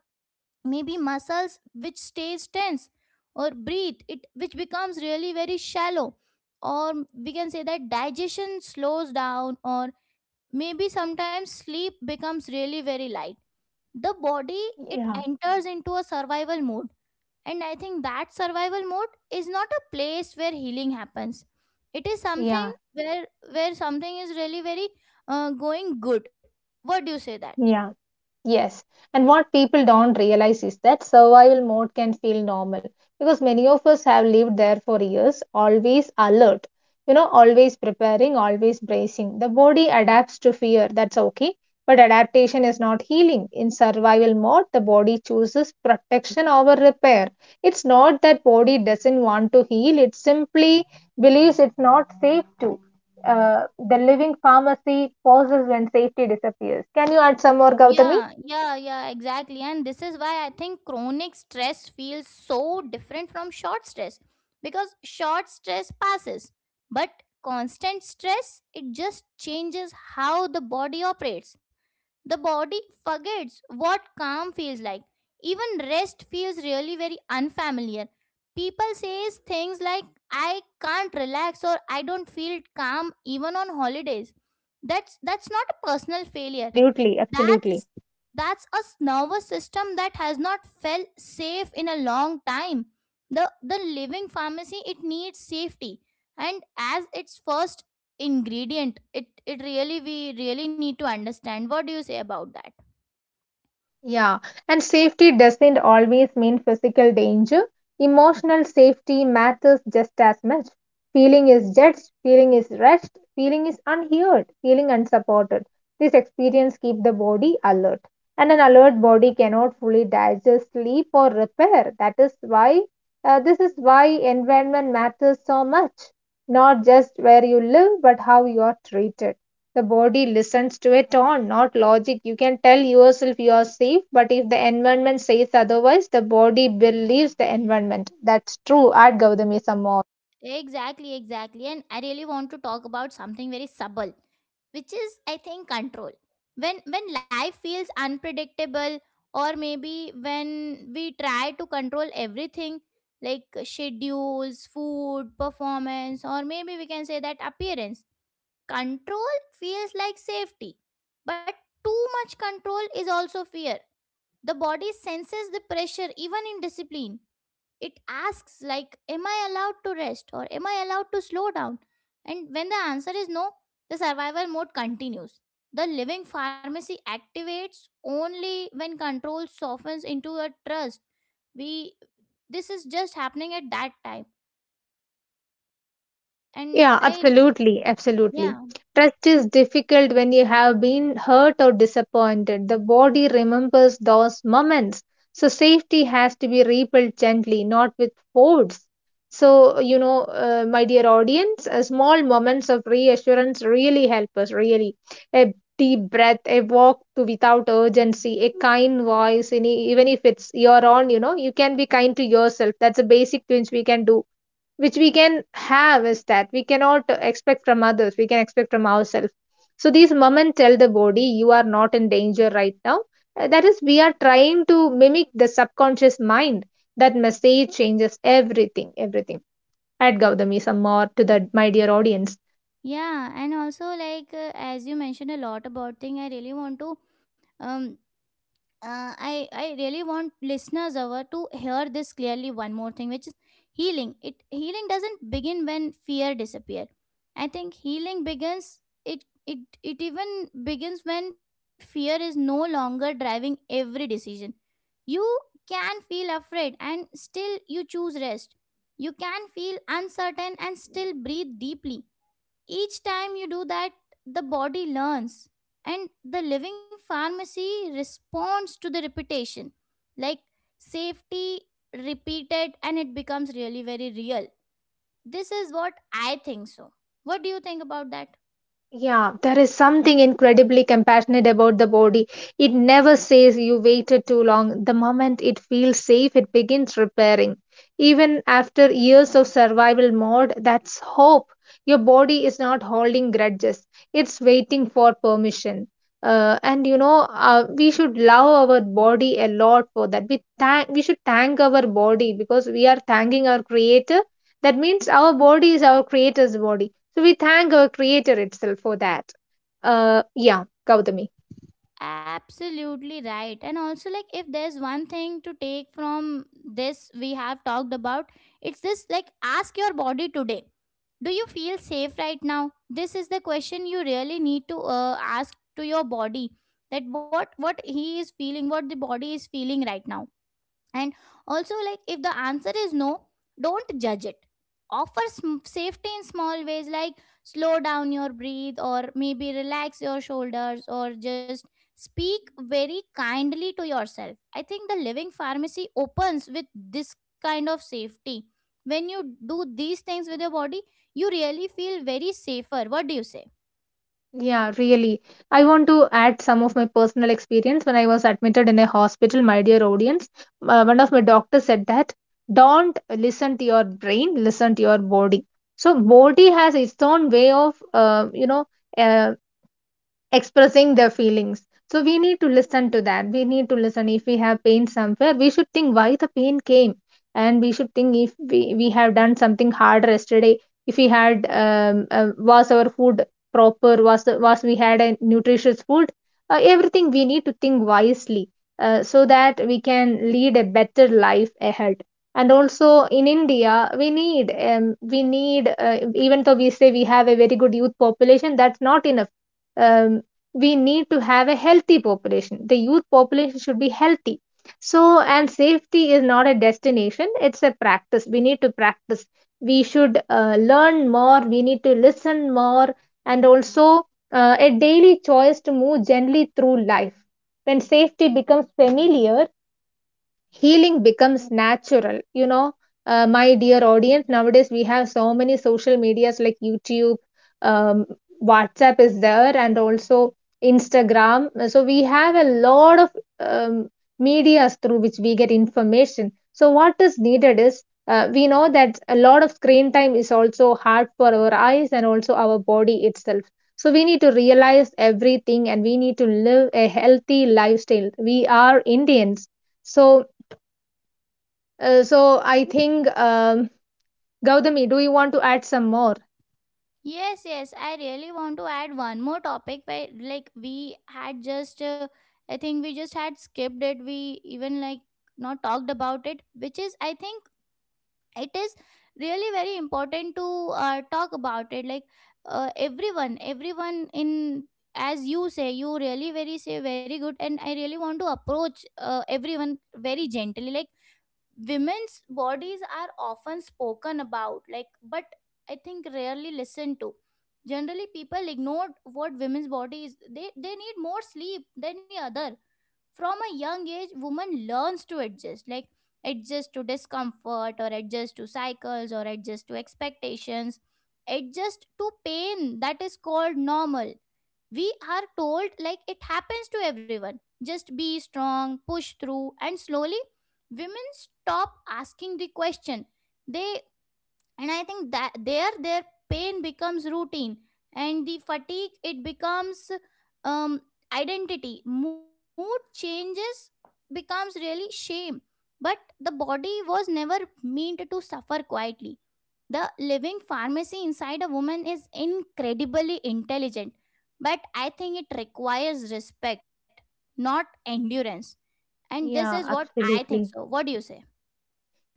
S1: maybe muscles which stays tense, or breathe it which becomes really very shallow, or we can say that digestion slows down, or maybe sometimes sleep becomes really very light. The body, it
S2: Yeah.
S1: enters into a survival mode. And I think that survival mode is not a place where healing happens. It is
S2: Yeah.
S1: something where where something is really very uh, going good. What do you say that?
S2: Yeah. Yes, and what people don't realize is that survival mode can feel normal because many of us have lived there for years, always alert, you know, always preparing, always bracing. The body adapts to fear, that's okay, but adaptation is not healing. In survival mode, the body chooses protection over repair. It's not that body doesn't want to heal, it simply believes it's not safe to. Uh, the living pharmacy pauses when safety disappears. Can you add some more, Gautami?
S1: Yeah, yeah, yeah, exactly. And this is why I think chronic stress feels so different from short stress, because short stress passes, but constant stress, it just changes how the body operates. The body forgets what calm feels like. Even rest feels really very unfamiliar. People says things like, I can't relax, or I don't feel calm even on holidays. That's that's not a personal failure.
S2: Absolutely,
S1: that's
S2: absolutely.
S1: that's a nervous system that has not felt safe in a long time. The the living pharmacy, it needs safety, and as its first ingredient, it it really, we really need to understand. What do you say about that?
S2: Yeah. And safety doesn't always mean physical danger. Emotional safety matters just as much. Feeling is judged, feeling is rushed, feeling is unheard, feeling unsupported. This experience keep the body alert. And an alert body cannot fully digest, sleep, or repair. That is why uh, this is why environment matters so much. Not just where you live, but how you are treated. The body listens to a tone, not logic. You can tell yourself you are safe, but if the environment says otherwise, the body believes the environment. That's true. Add Gautami some more.
S1: Exactly, exactly. And I really want to talk about something very subtle, which is, I think, control. When when life feels unpredictable, or maybe when we try to control everything, like schedules, food, performance, or maybe we can say that appearance. Control feels like safety, but too much control is also fear. The body senses the pressure even in discipline. It asks, like, am I allowed to rest, or am I allowed to slow down? And when the answer is no, the survival mode continues. The living pharmacy activates only when control softens into a trust. We, this is just happening at that time. And
S2: Yeah,
S1: I,
S2: absolutely, absolutely.
S1: yeah,
S2: Trust is difficult when you have been hurt or disappointed. The body remembers those moments. So safety has to be rebuilt gently, not with force. So, you know, uh, my dear audience, uh, small moments of reassurance really help us, really. A deep breath, a walk to without urgency, a kind voice, any, even if it's your own, you know, you can be kind to yourself. That's a basic thing we can do which we can have is that we cannot expect from others, we can expect from ourselves. So these moments tell the body you are not in danger right now. Uh, That is, we are trying to mimic the subconscious mind. That message changes everything, everything. I'd give them some more to that, my dear audience.
S1: yeah, and also like uh, as you mentioned a lot about thing, I really want to um uh, I I really want listeners over to hear this clearly. One more thing, which is healing. It, healing doesn't begin when fear disappear. I think healing begins. It it it even begins when fear is no longer driving every decision. You can feel afraid and still you choose rest. You can feel uncertain and still breathe deeply. Each time you do that, the body learns, and the living pharmacy responds to the repetition, like, safety repeated, and it becomes really very real. This is what I think so. What do you think about that?
S2: Yeah, there is something incredibly compassionate about the body. It never says you waited too long. The moment it feels safe, it begins repairing. Even after years of survival mode, that's hope. Your body is not holding grudges, it's waiting for permission. Uh, and you know, uh, we should love our body a lot for that. We thank, we should thank our body because we are thanking our creator. That means our body is our creator's body, so we thank our creator itself for that. Uh, yeah, Gautami.
S1: Absolutely right. And also, like, if there's one thing to take from this we have talked about, it's this, like, ask your body today. Do you feel safe right now? This is the question you really need to uh, ask to your body, that what what he is feeling, what the body is feeling right now. And also, like, if the answer is no, don't judge it. Offer sm- safety in small ways, like slow down your breathe, or maybe relax your shoulders, or just speak very kindly to yourself. I think the living pharmacy opens with this kind of safety. When you do these things with your body, you really feel very safer. What do you say?
S2: Yeah, really. I want to add some of my personal experience when I was admitted in a hospital, my dear audience. Uh, one of my doctors said that don't listen to your brain, listen to your body. So body has its own way of, uh, you know, uh, expressing their feelings, so we need to listen to that. We need to listen, if we have pain somewhere we should think why the pain came, and we should think if we, we have done something hard yesterday, if we had um, uh, was our food proper, was was we had a nutritious food. Uh, everything we need to think wisely, uh, so that we can lead a better life ahead. And also in india we need um, we need uh, even though we say we have a very good youth population, that's not enough. Um, we need to have a healthy population. The youth population should be healthy. So, and safety is not a destination, it's a practice. We need to practice. We should uh, learn more, we need to listen more, and also uh, a daily choice to move gently through life. When safety becomes familiar, healing becomes natural, you know. Uh, my dear audience, nowadays we have so many social medias like youtube, um, whatsapp is there, and also instagram. So we have a lot of um, medias through which we get information. So what is needed is, uh, we know that a lot of screen time is also hard for our eyes and also our body itself. So we need to realize everything and we need to live a healthy lifestyle. We are indians, so uh, so I think, um, Gautami, do you want to add some more?
S1: Yes, yes. I really want to add one more topic where, like, we had just, uh, I think we just had skipped it. We even, like, not talked about it, which is, I think, it is really very important to uh, talk about it. Like, uh, everyone, everyone in, as you say, you really very say very good, and I really want to approach uh, everyone very gently. Like, women's bodies are often spoken about, like, but I think rarely listened to. Generally people ignore what women's bodies, they they need more sleep than the other. From a young age, woman learns to adjust, like, adjust to discomfort, or adjust to cycles, or adjust to expectations, adjust to pain that is called normal. We are told, like, it happens to everyone. Just be strong, push through, and slowly women stop asking the question. They, and I think that there, their pain becomes routine, and the fatigue, it becomes um, identity. Mood changes becomes really shame. But the body was never meant to suffer quietly. The living pharmacy inside a woman is incredibly intelligent, but I think it requires respect, not endurance. And this is
S2: Yeah,
S1: what I think so.
S2: absolutely.
S1: What do you say?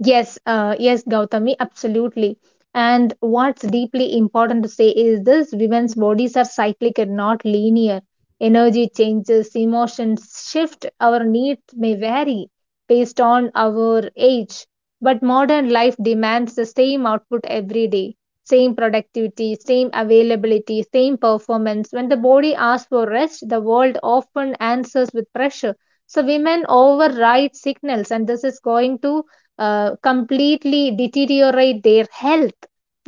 S2: Yes, uh, yes, Gautami, absolutely. And what's deeply important to say is this: women's bodies are cyclic and not linear. Energy changes, emotions shift, our needs may vary based on our age. But modern life demands the same output every day, same productivity, same availability, same performance. When the body asks for rest, the world often answers with pressure. So women override signals, and this is going to uh, completely deteriorate their health.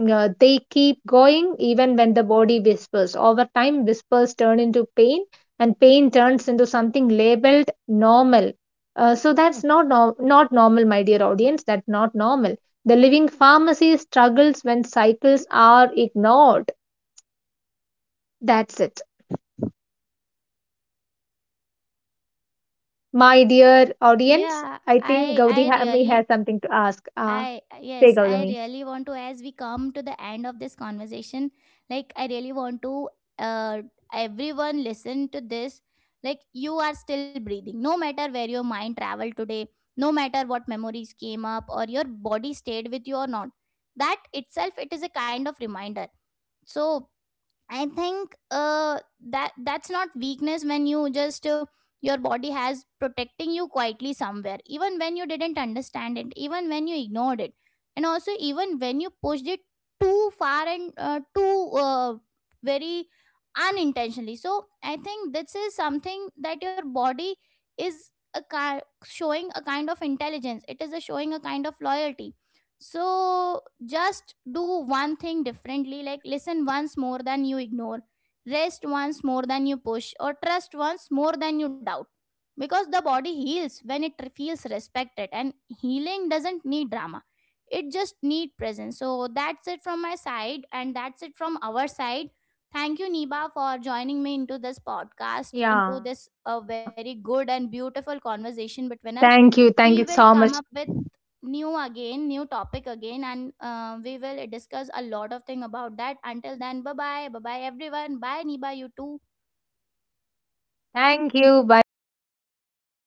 S2: Uh, they keep going even when the body whispers. Over time, whispers turn into pain, and pain turns into something labeled normal. Uh, so that's not no- not normal, my dear audience. That's not normal. The living pharmacy struggles when cycles are ignored. That's it, my dear audience.
S1: Yeah,
S2: I think
S1: i i
S2: Gaudami
S1: really,
S2: has something to ask. Uh,
S1: I,
S2: say,
S1: yes, I
S2: Gaudami.
S1: really want to, as we come to the end of this conversation, like, I really want to, uh everyone listen to this. Like, you are still breathing. No matter where your mind traveled today, no matter what memories came up, or your body stayed with you or not. That itself, it is a kind of reminder. So I think uh, that that's not weakness when you just uh, your body has protecting you quietly somewhere, even when you didn't understand it, even when you ignored it, and also even when you pushed it too far, and uh, too uh, very unintentionally. So I think this is something that your body is a ki- showing a kind of intelligence. It is a showing a kind of loyalty. So just do one thing differently, like, listen once more than you ignore, rest once more than you push, or trust once more than you doubt, because the body heals when it feels respected. And healing doesn't need drama, it just need presence. So that's it from my side, and that's it from our side. Thank you, Niba,
S2: Yeah.
S1: for joining me into this podcast, into this
S2: Thank you.
S1: a
S2: Thank you
S1: very
S2: so
S1: good
S2: much.
S1: and beautiful conversation between us. We will come up with new again, new topic again, and uh, we will discuss a lot of thing about that. Until then, bye bye, bye bye, everyone. Bye, Niba. You too.
S2: Thank you. Bye bye.